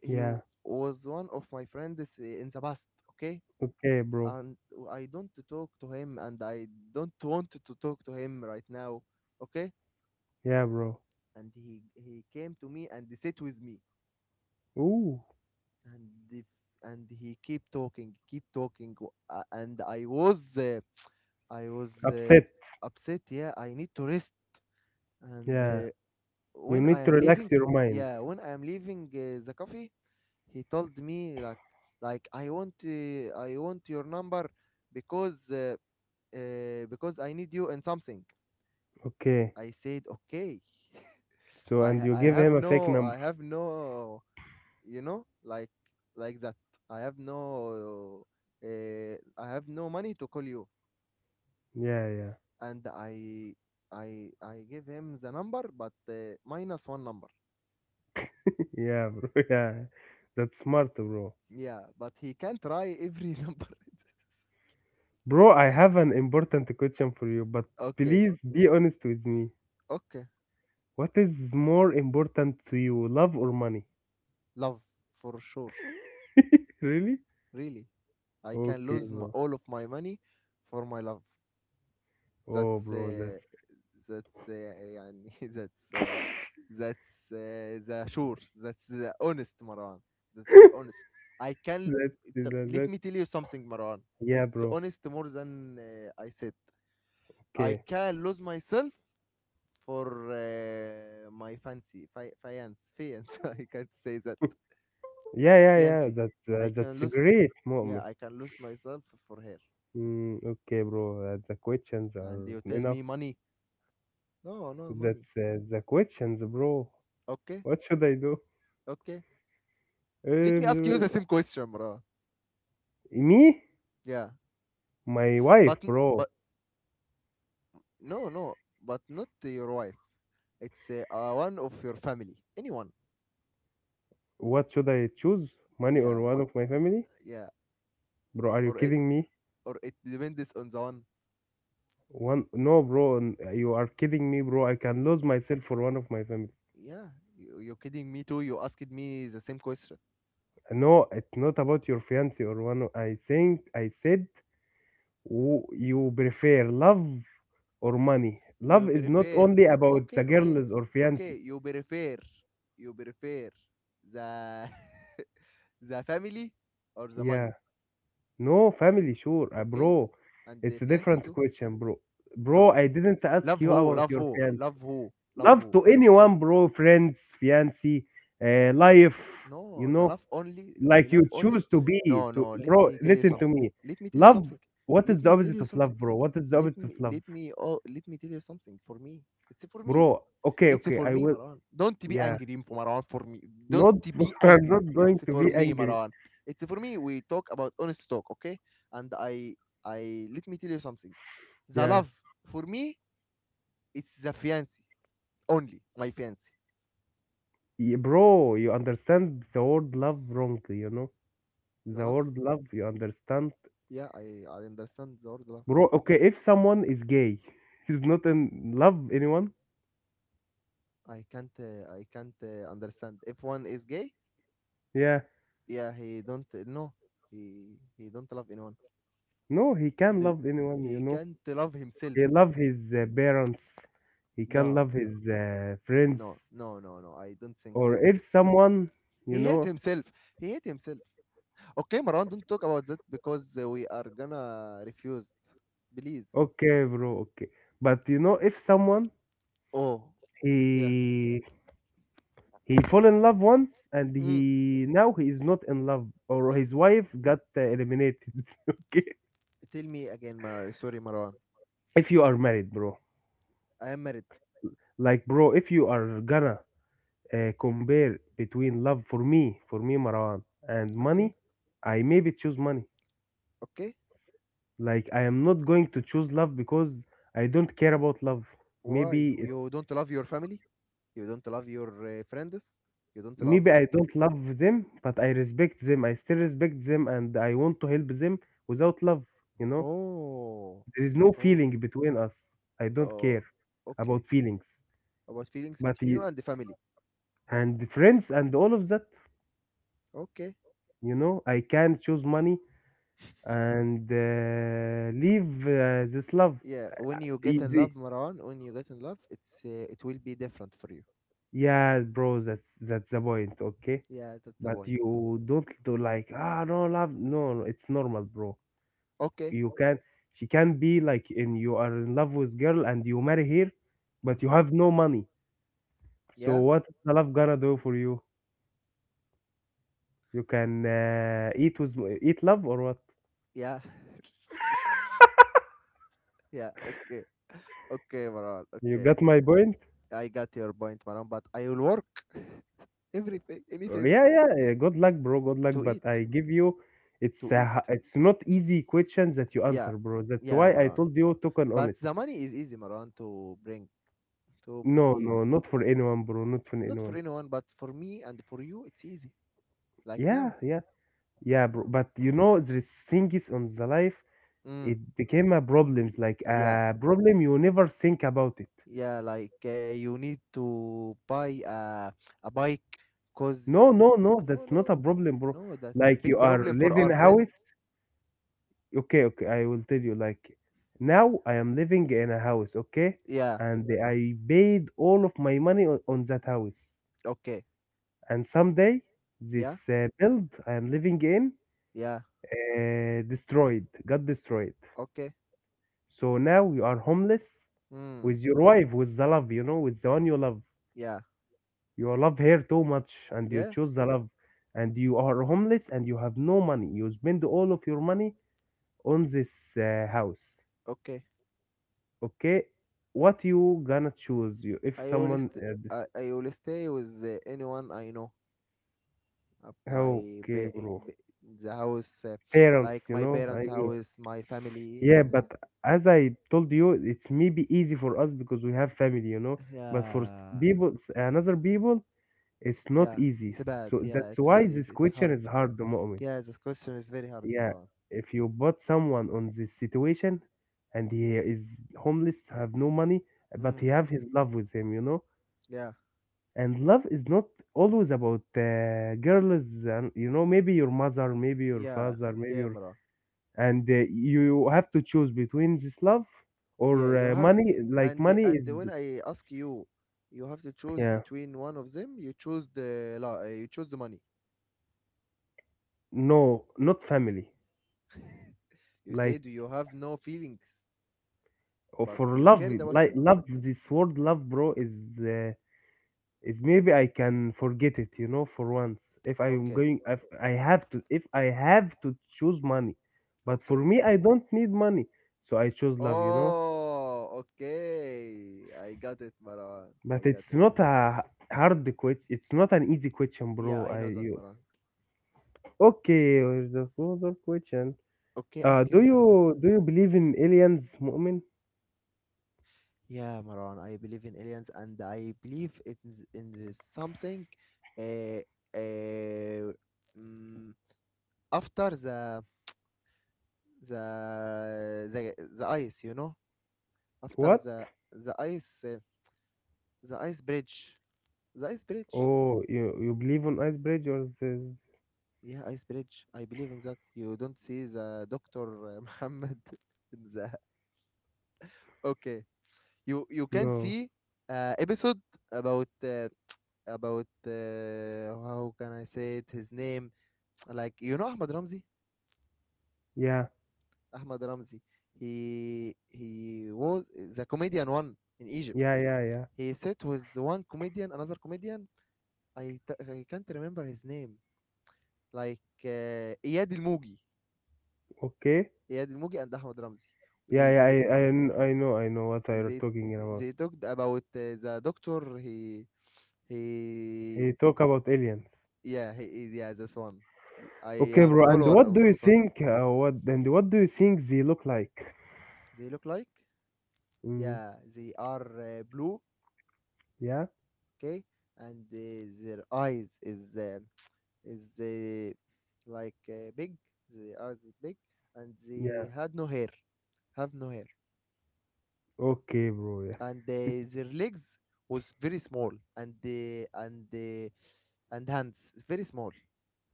Speaker 2: Yeah.
Speaker 1: was one of my friends in the past. Okay.
Speaker 2: Okay, bro.
Speaker 1: And I don't talk to him, and I don't want to talk to him right now. Okay,
Speaker 2: Yeah, bro.
Speaker 1: and he came to me and he sit with me
Speaker 2: Ooh,
Speaker 1: and if and he keep talking, and I was
Speaker 2: upset.
Speaker 1: upset. Yeah, I need to rest. And
Speaker 2: Yeah. You
Speaker 1: When I
Speaker 2: need to
Speaker 1: am
Speaker 2: relax
Speaker 1: leaving,
Speaker 2: your mind.
Speaker 1: yeah, when I am leaving the coffee, he told me like I want I want your number, because uh, because I need you in something.
Speaker 2: Okay.
Speaker 1: I said okay.
Speaker 2: So, and
Speaker 1: i
Speaker 2: you
Speaker 1: i
Speaker 2: give
Speaker 1: have
Speaker 2: him a fake
Speaker 1: no
Speaker 2: number.
Speaker 1: like that, I have no I have no money to call you.
Speaker 2: Yeah. Yeah.
Speaker 1: And I give him the number, but minus one number.
Speaker 2: Yeah, bro. Yeah, that's smart, bro.
Speaker 1: Yeah, but he can try every number.
Speaker 2: Bro, I have an important question for you, but
Speaker 1: Okay.
Speaker 2: please be honest with me.
Speaker 1: Okay.
Speaker 2: What is more important to you, love or money?
Speaker 1: Love. For sure.
Speaker 2: Really?
Speaker 1: Really, I can
Speaker 2: Okay,
Speaker 1: lose m
Speaker 2: bro.
Speaker 1: all of my money for my love.
Speaker 2: Oh,
Speaker 1: That's
Speaker 2: bro,
Speaker 1: uh,
Speaker 2: that's
Speaker 1: that's يعني that's the sure. That's the honest Marwan. That's the honest. I can طب let me
Speaker 2: that's
Speaker 1: tell you something, Marwan.
Speaker 2: yeah,
Speaker 1: It's
Speaker 2: bro.
Speaker 1: honest more than I said. I
Speaker 2: Okay.
Speaker 1: can lose myself for my fancy fiance I can't say that.
Speaker 2: Yeah, yeah, yeah.
Speaker 1: Fiance. I can
Speaker 2: That's a
Speaker 1: lose,
Speaker 2: great
Speaker 1: yeah,
Speaker 2: moment.
Speaker 1: I can lose myself for her.
Speaker 2: Mm, okay, bro. The questions
Speaker 1: And
Speaker 2: are
Speaker 1: you tell
Speaker 2: enough.
Speaker 1: me money. No, no money.
Speaker 2: That's the questions, bro.
Speaker 1: Okay.
Speaker 2: What should I do?
Speaker 1: Okay. Let me ask you
Speaker 2: Uh,
Speaker 1: the same question, bro.
Speaker 2: me?
Speaker 1: Yeah,
Speaker 2: My wife,
Speaker 1: but
Speaker 2: bro.
Speaker 1: but no, no, but not your wife. It's one of your family, anyone.
Speaker 2: What should I choose? Money or
Speaker 1: Yeah,
Speaker 2: one of my family?
Speaker 1: yeah,
Speaker 2: Bro, are you
Speaker 1: or it
Speaker 2: kidding me?
Speaker 1: or it depends on the one.
Speaker 2: One no, bro, you are kidding me, bro. I can
Speaker 1: Y-
Speaker 2: lose myself for one of my family.
Speaker 1: Yeah, you're kidding me too. You asked me the same question.
Speaker 2: No, it's not about your fiance or one. Of, I think I said, you prefer love or money. Love
Speaker 1: You
Speaker 2: is not
Speaker 1: prefer?
Speaker 2: only about the
Speaker 1: Okay, okay,
Speaker 2: girls or
Speaker 1: okay.
Speaker 2: fiance.
Speaker 1: You prefer? You prefer the the family or the
Speaker 2: Yeah,
Speaker 1: money?
Speaker 2: no family, sure,
Speaker 1: Okay,
Speaker 2: bro.
Speaker 1: and the
Speaker 2: It's a
Speaker 1: fiancé
Speaker 2: different
Speaker 1: too?
Speaker 2: question, bro. Bro,
Speaker 1: No.
Speaker 2: I didn't ask
Speaker 1: Love
Speaker 2: you
Speaker 1: who?
Speaker 2: about
Speaker 1: Love
Speaker 2: your
Speaker 1: who?
Speaker 2: fiance.
Speaker 1: Love who? Love
Speaker 2: Love
Speaker 1: who?
Speaker 2: to anyone, bro, friends, fiancé, life, you
Speaker 1: No, the
Speaker 2: know,
Speaker 1: love only, my
Speaker 2: like you
Speaker 1: love only.
Speaker 2: choose to be
Speaker 1: No,
Speaker 2: to
Speaker 1: no, let
Speaker 2: bro,
Speaker 1: me tell you
Speaker 2: listen to
Speaker 1: something.
Speaker 2: me.
Speaker 1: Let me tell you
Speaker 2: Love,
Speaker 1: something.
Speaker 2: what
Speaker 1: Let
Speaker 2: is the
Speaker 1: me tell
Speaker 2: opposite
Speaker 1: you
Speaker 2: of
Speaker 1: something.
Speaker 2: love, bro? What is the opposite of love?
Speaker 1: Let me oh, let me tell you something for me. It's for me.
Speaker 2: Bro, okay,
Speaker 1: It's
Speaker 2: okay,
Speaker 1: for
Speaker 2: I
Speaker 1: me,
Speaker 2: will
Speaker 1: Marwan. Don't be
Speaker 2: yeah.
Speaker 1: angry, Marwan, for me. Don't
Speaker 2: Not
Speaker 1: be
Speaker 2: I'm
Speaker 1: angry.
Speaker 2: not going
Speaker 1: It's
Speaker 2: to
Speaker 1: for
Speaker 2: be
Speaker 1: me,
Speaker 2: angry.
Speaker 1: Marwan. It's for me. We talk about honest talk, okay? And I let me tell you something. The
Speaker 2: Yeah.
Speaker 1: love for me, it's the fiancé only, my fiancé.
Speaker 2: Y- Bro, you understand the word love wrongly, you know?
Speaker 1: The
Speaker 2: The
Speaker 1: love.
Speaker 2: word love, you understand?
Speaker 1: Yeah, I understand the word love.
Speaker 2: Bro, okay, if someone is gay, he's not in love anyone.
Speaker 1: I can't understand. If one is gay,
Speaker 2: Yeah.
Speaker 1: yeah, he don't no, he don't love anyone.
Speaker 2: No, he can
Speaker 1: Do
Speaker 2: love anyone, you
Speaker 1: he
Speaker 2: know?
Speaker 1: can't love himself?
Speaker 2: He love his parents, he can
Speaker 1: No,
Speaker 2: love his friends,
Speaker 1: no, no, no, no. I don't think
Speaker 2: or
Speaker 1: so.
Speaker 2: if someone, you
Speaker 1: He hate
Speaker 2: know,
Speaker 1: himself. He hate himself. Okay, Marwan, don't talk about that, because we are gonna refuse. Please.
Speaker 2: okay bro, okay, but you know, if someone
Speaker 1: Oh, yeah.
Speaker 2: he he fall in love once and
Speaker 1: Mm,
Speaker 2: he now he is not in love, or his wife got eliminated, okay,
Speaker 1: tell me again, Mar. Sorry, Marwan.
Speaker 2: if you are married, bro,
Speaker 1: I am married.
Speaker 2: like, bro, if you are gonna compare between love, for me, for me, Marwan, and
Speaker 1: Okay,
Speaker 2: money, I maybe choose money.
Speaker 1: okay.
Speaker 2: Like I am not going to choose love because I don't care about love.
Speaker 1: Why?
Speaker 2: Maybe it's
Speaker 1: You don't love your family? You don't love your friends? You don't love.
Speaker 2: maybe I don't love them, but I respect them. I still respect them and I want to help them without love, you know?
Speaker 1: Oh,
Speaker 2: There is no
Speaker 1: oh,
Speaker 2: feeling between us. I don't care
Speaker 1: oh. Okay.
Speaker 2: about feelings.
Speaker 1: About feelings
Speaker 2: But
Speaker 1: between you
Speaker 2: y-
Speaker 1: and the family.
Speaker 2: and friends and all of that,
Speaker 1: Okay.
Speaker 2: you know, I can choose money and leave this love
Speaker 1: Yeah. When you get in
Speaker 2: easy.
Speaker 1: love, Marwan, when you get in love, it's it will be different for you.
Speaker 2: Yeah, bro, that's the point, okay?
Speaker 1: Yeah, that's the
Speaker 2: But
Speaker 1: point.
Speaker 2: you don't do like ah no love no no it's normal bro.
Speaker 1: Okay.
Speaker 2: You can she can be like in you are in love with girl and you marry her,
Speaker 1: Mm.
Speaker 2: but you have no money. So
Speaker 1: Yeah.
Speaker 2: what is the love gonna do for you? You can eat with eat love or what?
Speaker 1: Yeah. yeah. Okay. Okay, Marwan.
Speaker 2: You
Speaker 1: Okay.
Speaker 2: got my point?
Speaker 1: I got your point, Marwan. But I will work everything, anything
Speaker 2: Yeah, yeah. Good luck, bro. Good luck.
Speaker 1: to eat,
Speaker 2: But I give you. It's
Speaker 1: to
Speaker 2: a,
Speaker 1: eat.
Speaker 2: it's not easy questions that you
Speaker 1: Yeah.
Speaker 2: answer, bro. That's
Speaker 1: Yeah,
Speaker 2: why I
Speaker 1: Marwan.
Speaker 2: told you token
Speaker 1: But
Speaker 2: honest.
Speaker 1: the money is easy, Marwan, to bring to
Speaker 2: No, no, not for anyone, bro. Not for
Speaker 1: not for
Speaker 2: anyone.
Speaker 1: anyone, but for me and for you, it's easy. Like
Speaker 2: Yeah,
Speaker 1: now,
Speaker 2: yeah.
Speaker 1: like
Speaker 2: Yeah, bro.
Speaker 1: now,
Speaker 2: But you
Speaker 1: yeah,
Speaker 2: know, there is things on the life.
Speaker 1: mm,
Speaker 2: It became a problems, like
Speaker 1: yeah,
Speaker 2: a problem you never think about it.
Speaker 1: yeah. Like you need to buy a bike, cause
Speaker 2: No, no,
Speaker 1: you
Speaker 2: no,
Speaker 1: no,
Speaker 2: that's not
Speaker 1: no,
Speaker 2: a problem, bro.
Speaker 1: no. That's a
Speaker 2: Like you
Speaker 1: big
Speaker 2: are
Speaker 1: problem for
Speaker 2: living
Speaker 1: our friends.
Speaker 2: house. Okay, okay, I will tell you. Like now, I am living in a house, okay,
Speaker 1: Yeah.
Speaker 2: and I paid all of my money on that house.
Speaker 1: Okay.
Speaker 2: And someday,
Speaker 1: Yeah.
Speaker 2: this build I am living in
Speaker 1: Yeah.
Speaker 2: destroyed, got destroyed.
Speaker 1: Okay.
Speaker 2: So now we are homeless.
Speaker 1: Hmm.
Speaker 2: With your wife, with the love, you know, with the one you love,
Speaker 1: Yeah.
Speaker 2: you love her too much and you
Speaker 1: Yeah.
Speaker 2: choose the love, and you are homeless and you have no money, you spend all of your money on this house,
Speaker 1: Okay.
Speaker 2: okay, what you gonna choose you if
Speaker 1: I will
Speaker 2: someone
Speaker 1: st- I will stay with anyone I know. Of my
Speaker 2: okay
Speaker 1: ba-
Speaker 2: bro,
Speaker 1: ba- The house,
Speaker 2: parents,
Speaker 1: like
Speaker 2: you
Speaker 1: my
Speaker 2: know, I
Speaker 1: parents'
Speaker 2: mean.
Speaker 1: house, my family.
Speaker 2: Yeah, but as I told you, it's maybe easy for us because we have family, you know, but for
Speaker 1: Yeah,
Speaker 2: people, another people, it's not
Speaker 1: yeah,
Speaker 2: easy.
Speaker 1: it's bad.
Speaker 2: So
Speaker 1: Yeah,
Speaker 2: that's
Speaker 1: it's
Speaker 2: why
Speaker 1: not
Speaker 2: this
Speaker 1: easy. It's
Speaker 2: question
Speaker 1: hard.
Speaker 2: is hard, moment.
Speaker 1: Yeah, this question is very hard,
Speaker 2: Yeah,
Speaker 1: Marwan.
Speaker 2: if you put someone on this situation and he is homeless, have no money, but
Speaker 1: Mm,
Speaker 2: he have his love with him, you know,
Speaker 1: yeah,
Speaker 2: and love is not always about girls, and you know, maybe your mother, maybe your
Speaker 1: yeah,
Speaker 2: father, maybe
Speaker 1: yeah,
Speaker 2: your,
Speaker 1: Marwan.
Speaker 2: and you have to choose between this love or
Speaker 1: Yeah, you have,
Speaker 2: money, like money
Speaker 1: and
Speaker 2: is,
Speaker 1: when I ask you, you have to choose
Speaker 2: yeah,
Speaker 1: between one of them. You choose the la. You choose the money.
Speaker 2: no, not family,
Speaker 1: You
Speaker 2: like,
Speaker 1: said you have no feelings,
Speaker 2: oh,
Speaker 1: but
Speaker 2: for
Speaker 1: you
Speaker 2: love,
Speaker 1: cared about
Speaker 2: like
Speaker 1: him.
Speaker 2: love, this word love, bro, uh, is maybe I can forget it, you know, for once. If I'm
Speaker 1: Okay,
Speaker 2: going, if I have to choose money, but for
Speaker 1: okay.
Speaker 2: me, I don't need money, so I choose love, you know.
Speaker 1: Oh, okay. I got it, Maran. I
Speaker 2: But
Speaker 1: got
Speaker 2: it's
Speaker 1: it.
Speaker 2: not a hard question. It's not an easy question,
Speaker 1: Yeah,
Speaker 2: bro.
Speaker 1: I
Speaker 2: I
Speaker 1: know that,
Speaker 2: you
Speaker 1: Maran.
Speaker 2: okay? Here's the other question.
Speaker 1: Okay, ask
Speaker 2: Do
Speaker 1: me. And I was like,
Speaker 2: you do you believe in aliens, Mu'min?
Speaker 1: yeah, Maran, I believe in aliens, and I believe it is in the something uh, uh, mm, after the ice, you know? After
Speaker 2: What?
Speaker 1: the ice uh, the ice bridge. The ice bridge.
Speaker 2: Oh, you believe on ice bridge or says
Speaker 1: Yeah, ice bridge. I believe in that. You don't see the doctor Muhammad in the. Okay, you can
Speaker 2: no?
Speaker 1: see episode about how can I say it his name, like you know, Ahmad Ramzi.
Speaker 2: Yeah,
Speaker 1: Ahmad Ramzi, he was the comedian one in Egypt.
Speaker 2: yeah, yeah, yeah.
Speaker 1: He sat with one comedian, another comedian. I can't remember his name, like Iyad Ilmugi.
Speaker 2: Okay.
Speaker 1: Iyad Ilmugi and Ahmad Ramzi, he
Speaker 2: Yeah, yeah,
Speaker 1: they
Speaker 2: I know what I'm
Speaker 1: they,
Speaker 2: talking about.
Speaker 1: they talked about the doctor he.
Speaker 2: He talk about aliens.
Speaker 1: Yeah, yeah, this one. I
Speaker 2: Okay,
Speaker 1: am
Speaker 2: bro. And
Speaker 1: follower
Speaker 2: what do
Speaker 1: of
Speaker 2: you
Speaker 1: this one.
Speaker 2: think? What do you think they look like?
Speaker 1: They look like,
Speaker 2: Mm,
Speaker 1: yeah, they are blue,
Speaker 2: yeah,
Speaker 1: okay, and their eyes is is uh, like big. Their eyes is big, and
Speaker 2: yeah.
Speaker 1: they had no hair, have no hair,
Speaker 2: Okay, bro. Yeah.
Speaker 1: and their legs was very small, and uh, and uh, and hands is very small,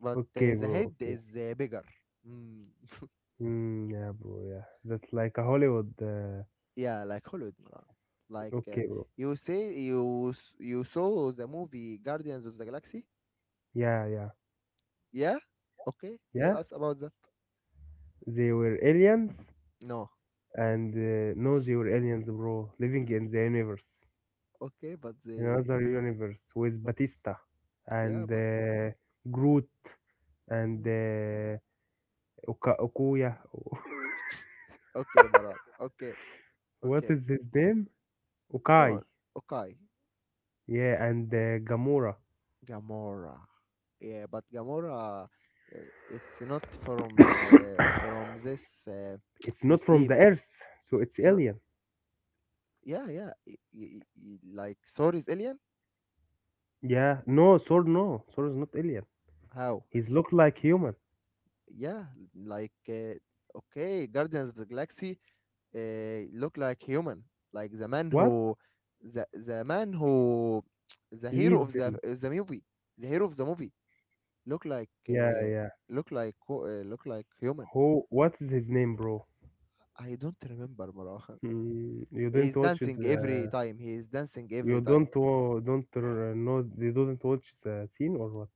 Speaker 1: but
Speaker 2: Okay,
Speaker 1: the
Speaker 2: bro.
Speaker 1: head
Speaker 2: Okay.
Speaker 1: is bigger. Mm.
Speaker 2: Mm, yeah, bro. Yeah. That's like a Hollywood.
Speaker 1: Yeah, like Hollywood, Maran. Like
Speaker 2: Okay, bro.
Speaker 1: you say you saw the movie Guardians of the Galaxy?
Speaker 2: Yeah, yeah,
Speaker 1: Yeah? Okay, tell
Speaker 2: yeah.
Speaker 1: us about that.
Speaker 2: They were aliens,
Speaker 1: No.
Speaker 2: and no, they were aliens, bro. Living in the universe,
Speaker 1: Okay, but they
Speaker 2: another universe with
Speaker 1: okay.
Speaker 2: Batista and
Speaker 1: Yeah, but
Speaker 2: Groot, and
Speaker 1: mm.
Speaker 2: Oka Okuya.
Speaker 1: Okay, Maran. Okay.
Speaker 2: What
Speaker 1: Okay.
Speaker 2: is his name? Okai.
Speaker 1: No. Okay.
Speaker 2: Yeah, and Gamora.
Speaker 1: Gamora. Yeah, but Gamora it's not from from this
Speaker 2: It's
Speaker 1: this
Speaker 2: not from the
Speaker 1: team.
Speaker 2: Earth, so it's
Speaker 1: It's not.
Speaker 2: alien.
Speaker 1: Yeah, yeah. Like Thor is alien?
Speaker 2: Yeah, no, Sword no. Sword is not alien.
Speaker 1: How?
Speaker 2: He's look like human.
Speaker 1: Yeah, like okay, Guardians of the Galaxy look like human. Like the man
Speaker 2: What?
Speaker 1: who the man who the hero
Speaker 2: Leads
Speaker 1: of
Speaker 2: him.
Speaker 1: the movie. The hero of the movie look like
Speaker 2: Yeah,
Speaker 1: uh,
Speaker 2: yeah.
Speaker 1: look like human.
Speaker 2: Who? What is his name, bro?
Speaker 1: I don't remember, Marah.
Speaker 2: Hmm, you didn't
Speaker 1: He's
Speaker 2: watch
Speaker 1: dancing every
Speaker 2: the.
Speaker 1: time. He is dancing
Speaker 2: You
Speaker 1: every time.
Speaker 2: don't don't know. You didn't watch the scene or what?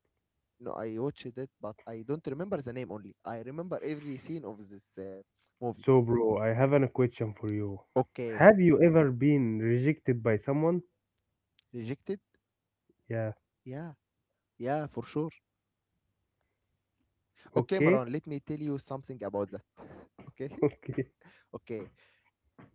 Speaker 1: No, I watched it, but I don't remember the name, only I remember every scene of this movie.
Speaker 2: So, bro, I have a question for you.
Speaker 1: Okay.
Speaker 2: Have you ever been rejected by someone?
Speaker 1: Rejected.
Speaker 2: Yeah.
Speaker 1: Yeah. Yeah, for sure. Okay,
Speaker 2: Okay,
Speaker 1: Maran, let me tell you something about that. Okay,
Speaker 2: okay,
Speaker 1: okay.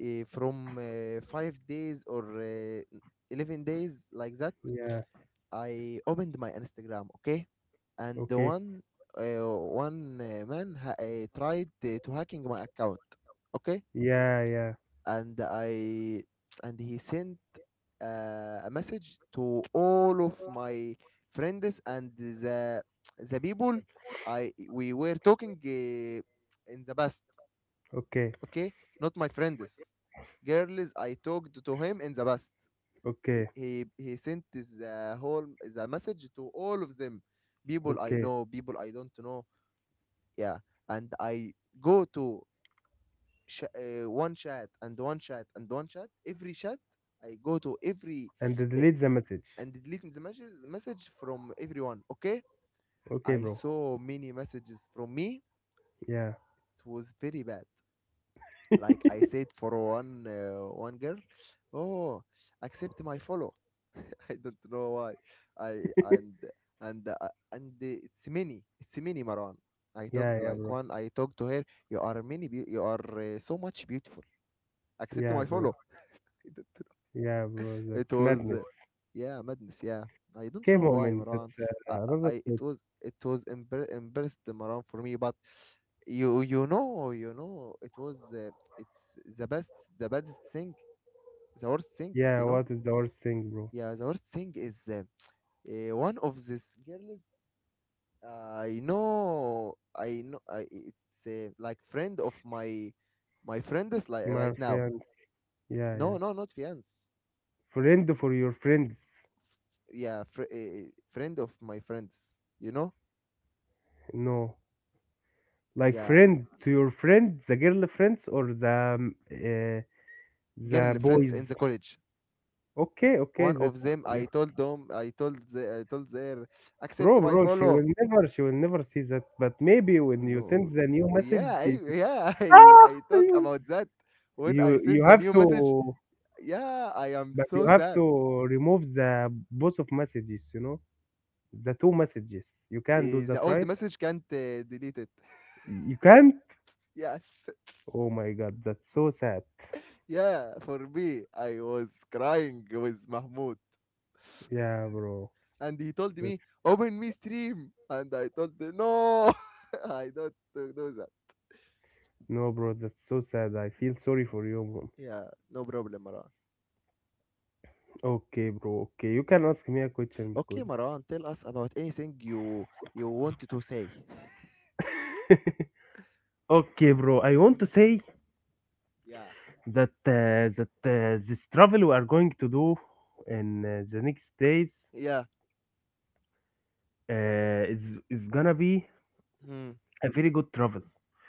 Speaker 1: From 5 days or 11 days like that,
Speaker 2: yeah,
Speaker 1: I opened my Instagram. Okay, and the
Speaker 2: okay,
Speaker 1: one one man tried to hacking my account. Okay,
Speaker 2: yeah, yeah,
Speaker 1: and I and he sent a message to all of my friends and the people I we were talking in the past.
Speaker 2: okay,
Speaker 1: Okay, not my friends. Girls I talked to him in the past.
Speaker 2: okay,
Speaker 1: He sent the whole the message to all of them. People I
Speaker 2: okay,
Speaker 1: know, people I don't know. Yeah, and I go to one chat and one chat and one chat. Every chat I go to every
Speaker 2: and
Speaker 1: uh,
Speaker 2: delete the message.
Speaker 1: and deleting the message, message from everyone. Okay.
Speaker 2: Okay,
Speaker 1: I
Speaker 2: bro.
Speaker 1: saw many messages from me.
Speaker 2: Yeah,
Speaker 1: It was very bad. Like I said for one girl, oh, accept my follow. I don't know why. I and it's many. It's many, Marwan. I talked
Speaker 2: yeah, yeah,
Speaker 1: like
Speaker 2: bro.
Speaker 1: one. I talked to her. You are many. You are so much beautiful. Accept my
Speaker 2: Yeah, bro.
Speaker 1: follow.
Speaker 2: Yeah, bro.
Speaker 1: It
Speaker 2: That's
Speaker 1: was
Speaker 2: madness.
Speaker 1: yeah, madness. Yeah, I
Speaker 2: Okay,
Speaker 1: don't know why,
Speaker 2: moment. That's
Speaker 1: Marwan. I, I
Speaker 2: another thing.
Speaker 1: it was embarrassed, Marwan, for me. But you know it was it's the best, the best thing, the worst thing,
Speaker 2: Yeah,
Speaker 1: you know.
Speaker 2: what is the worst thing, bro?
Speaker 1: Yeah, the worst thing is one of these girls I know. It's like friend of my friend is, like,
Speaker 2: My
Speaker 1: right now.
Speaker 2: friends. Yeah, yeah.
Speaker 1: No, no, not fiance.
Speaker 2: Friend for your friends.
Speaker 1: Yeah, friend of my friends, you know.
Speaker 2: No, like
Speaker 1: Yeah,
Speaker 2: friend to your friend, the girl friends or the
Speaker 1: girl friends in
Speaker 2: boys.
Speaker 1: the college.
Speaker 2: Okay, okay.
Speaker 1: One
Speaker 2: That's.
Speaker 1: of them, I told I told their
Speaker 2: Bro,
Speaker 1: accept my
Speaker 2: bro,
Speaker 1: follow.
Speaker 2: she will never see that. But maybe when you
Speaker 1: No.
Speaker 2: send the new
Speaker 1: Oh,
Speaker 2: message,
Speaker 1: yeah,
Speaker 2: she-
Speaker 1: yeah,
Speaker 2: ah,
Speaker 1: I talk
Speaker 2: you
Speaker 1: about that when
Speaker 2: you
Speaker 1: I
Speaker 2: you
Speaker 1: sent the
Speaker 2: have
Speaker 1: new message.
Speaker 2: to,
Speaker 1: Yeah, I am
Speaker 2: but you
Speaker 1: so
Speaker 2: have
Speaker 1: sad.
Speaker 2: to remove the both of messages. You know, the two messages. You can do
Speaker 1: The
Speaker 2: that,
Speaker 1: old
Speaker 2: right?
Speaker 1: message can't delete it.
Speaker 2: You can't.
Speaker 1: Yes.
Speaker 2: Oh my God, that's so sad.
Speaker 1: Yeah, for me, I was crying with Mahmoud.
Speaker 2: Yeah, bro.
Speaker 1: And he told
Speaker 2: That's,
Speaker 1: me, open me stream. And I told him, no, I don't do that.
Speaker 2: no, bro, that's so sad. I feel sorry for you, bro.
Speaker 1: Yeah, no problem, Maran.
Speaker 2: Okay, bro. Okay, you can ask me a question because.
Speaker 1: Okay, Maran, tell us about anything you wanted to say.
Speaker 2: okay, bro. I want to say
Speaker 1: Yeah.
Speaker 2: that this travel we are going to do in the next days,
Speaker 1: Yeah.
Speaker 2: uh, is gonna be
Speaker 1: Hmm.
Speaker 2: a very good travel,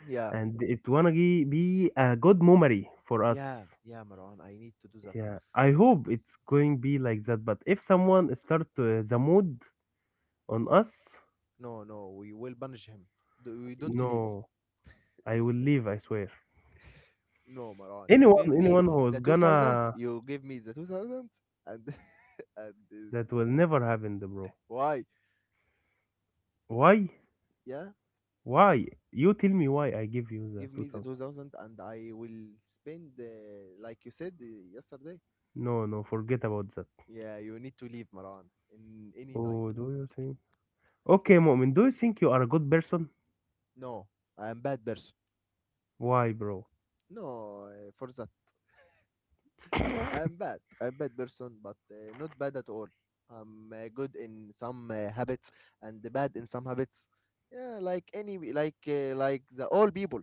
Speaker 1: Yeah.
Speaker 2: and it wanna be a good memory for
Speaker 1: Yeah.
Speaker 2: us.
Speaker 1: Yeah, Maran, I need to do that.
Speaker 2: Yeah, I hope it's going be like that, but if someone start the mood on us,
Speaker 1: No, no, we will banish him. We don't
Speaker 2: no,
Speaker 1: leave.
Speaker 2: I will leave, I swear,
Speaker 1: No, Maran, you
Speaker 2: anyone,
Speaker 1: gave me
Speaker 2: anyone who's
Speaker 1: the 2000s.
Speaker 2: gonna,
Speaker 1: You gave me the 2000s and and
Speaker 2: that will never happen the bro.
Speaker 1: why?
Speaker 2: Why?
Speaker 1: Yeah,
Speaker 2: Why you tell me why I give you the
Speaker 1: give me the
Speaker 2: 2000?
Speaker 1: 2000, and I will spend like you said yesterday.
Speaker 2: No, no, forget about that.
Speaker 1: Yeah, you need to leave, Maran, in any time.
Speaker 2: Oh, do you think? Okay, Mu'min, do you think you are a good person?
Speaker 1: No, I'm bad person.
Speaker 2: Why, bro?
Speaker 1: No, for that. I'm bad. I'm bad person, but not bad at all. I'm good in some habits and bad in some habits. Yeah, like any, like the all people.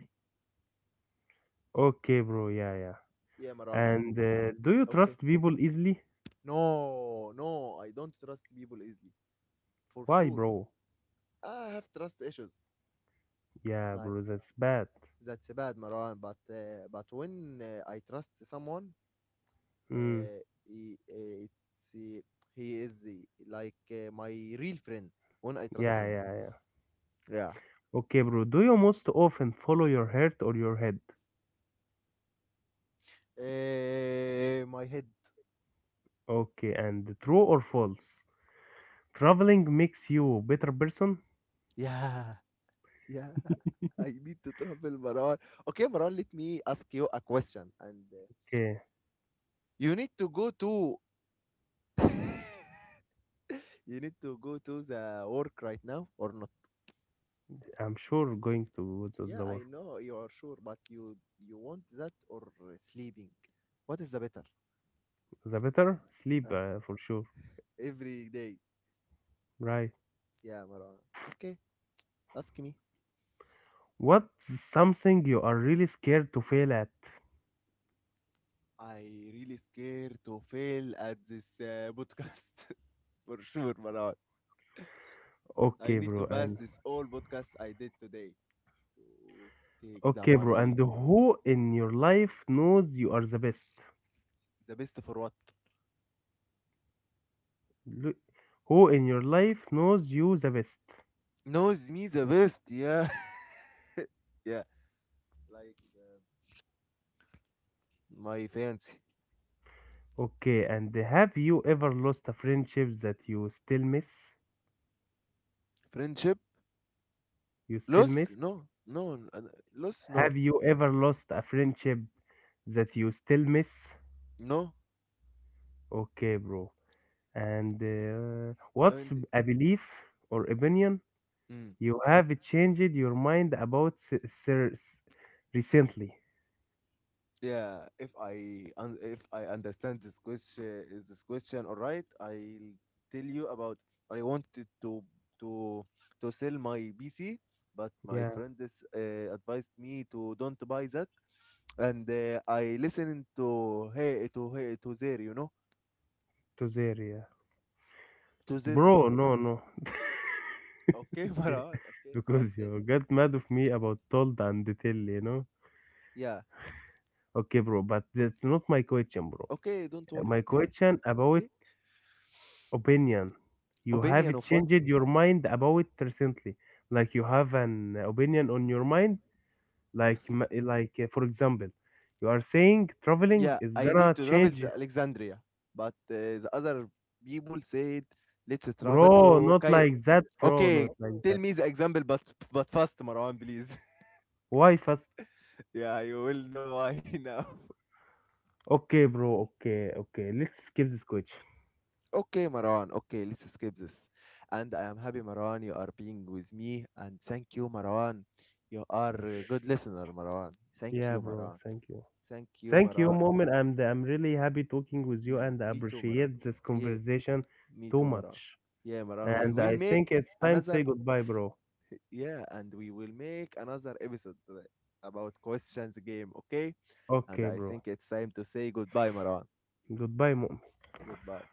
Speaker 2: Okay, bro. Yeah, yeah.
Speaker 1: Yeah, Maran, and
Speaker 2: And do you
Speaker 1: okay.
Speaker 2: trust people easily?
Speaker 1: No, no, I don't trust people easily. For
Speaker 2: Why,
Speaker 1: sure.
Speaker 2: bro?
Speaker 1: I have trust issues.
Speaker 2: Yeah,
Speaker 1: Like
Speaker 2: bro. That's bad.
Speaker 1: that's bad, Maran, but when I trust someone,
Speaker 2: Mm,
Speaker 1: it's, uh, he is like my real friend when I trust
Speaker 2: yeah,
Speaker 1: him.
Speaker 2: yeah, yeah.
Speaker 1: Yeah.
Speaker 2: Okay, bro. Do you most often follow your heart or your head?
Speaker 1: My head.
Speaker 2: Okay, and true or false? Traveling makes you better person?
Speaker 1: Yeah. Yeah. I need to travel, Maran. Okay, Maran, let me ask you a question, and
Speaker 2: Okay,
Speaker 1: you need to go to the work right now or not?
Speaker 2: I'm sure going to
Speaker 1: Yeah,
Speaker 2: the
Speaker 1: I
Speaker 2: work.
Speaker 1: know you are sure, but you want that or sleeping? What is the better?
Speaker 2: The better sleep
Speaker 1: Huh?
Speaker 2: for sure.
Speaker 1: Every day.
Speaker 2: Right.
Speaker 1: Yeah, Marwan. Okay, ask me.
Speaker 2: What's something you are really scared to fail at?
Speaker 1: I really scared to fail at this podcast. For sure, Marwan. I
Speaker 2: Okay,
Speaker 1: need
Speaker 2: bro,
Speaker 1: to pass
Speaker 2: and
Speaker 1: this all podcast I did today to take the
Speaker 2: okay, bro, and
Speaker 1: money.
Speaker 2: who in your life knows you are the best?
Speaker 1: The best for what?
Speaker 2: L- Who in your life knows you the best?
Speaker 1: Knows me the best. Yeah. Yeah, like my fancy.
Speaker 2: Okay, and have you ever lost a friendship that you still miss?
Speaker 1: Friendship.
Speaker 2: You still
Speaker 1: Lost?
Speaker 2: miss?
Speaker 1: No, no, lost? No,
Speaker 2: Have you ever lost a friendship that you still miss?
Speaker 1: no.
Speaker 2: Okay, bro. And
Speaker 1: I
Speaker 2: what's
Speaker 1: mean,
Speaker 2: a belief or opinion
Speaker 1: mm.
Speaker 2: you have changed your mind about recently?
Speaker 1: Yeah. If I understand this question, is this question all right? I'll tell you about. I wanted to to sell my PC, but my
Speaker 2: Yeah,
Speaker 1: friend is, advised me to don't buy that, and I listened to hey to hey to there, you know,
Speaker 2: to there, yeah.
Speaker 1: to them.
Speaker 2: Bro, no, no.
Speaker 1: Okay,
Speaker 2: Okay.
Speaker 1: Maran. Okay, but
Speaker 2: Because you get mad of me about told and tell, you know?
Speaker 1: yeah.
Speaker 2: Okay, bro, but that's not my question, bro.
Speaker 1: Okay, don't worry.
Speaker 2: My question about
Speaker 1: Okay.
Speaker 2: opinion. You have
Speaker 1: Opinion of what?
Speaker 2: changed your mind about recently. Like you have an opinion on your mind, like like for example, you are saying traveling
Speaker 1: Yeah,
Speaker 2: is
Speaker 1: I need
Speaker 2: gonna
Speaker 1: to travel
Speaker 2: change,
Speaker 1: to Alexandria, but the other people said, let's travel
Speaker 2: bro.
Speaker 1: to
Speaker 2: Not
Speaker 1: Cairo.
Speaker 2: like that, bro.
Speaker 1: Okay,
Speaker 2: Not like
Speaker 1: tell
Speaker 2: that.
Speaker 1: me the example, but fast, Marwan, please.
Speaker 2: Why fast?
Speaker 1: yeah, you will know why now.
Speaker 2: Okay, bro. Okay, okay. Let's skip this question.
Speaker 1: Okay, Marwan. Okay, let's skip this. And I am happy, Marwan, you are being with me, and thank you, Marwan. You are a good listener, Marwan. Thank you,
Speaker 2: Yeah, bro.
Speaker 1: Marwan.
Speaker 2: Thank you.
Speaker 1: Thank you,
Speaker 2: Thank
Speaker 1: Marwan.
Speaker 2: you, Moment, I'm really happy talking with you
Speaker 1: Yeah,
Speaker 2: and I
Speaker 1: me too, Marwan.
Speaker 2: appreciate this
Speaker 1: Yeah,
Speaker 2: conversation
Speaker 1: me
Speaker 2: too
Speaker 1: too, Marwan.
Speaker 2: much.
Speaker 1: Yeah, Marwan. We
Speaker 2: And
Speaker 1: will
Speaker 2: I
Speaker 1: make
Speaker 2: think it's time to
Speaker 1: another
Speaker 2: say goodbye, bro.
Speaker 1: yeah, and we will make another episode about questions game, okay? And
Speaker 2: Okay,
Speaker 1: I
Speaker 2: bro.
Speaker 1: think it's time to say goodbye, Marwan.
Speaker 2: Goodbye, Moment.
Speaker 1: Goodbye.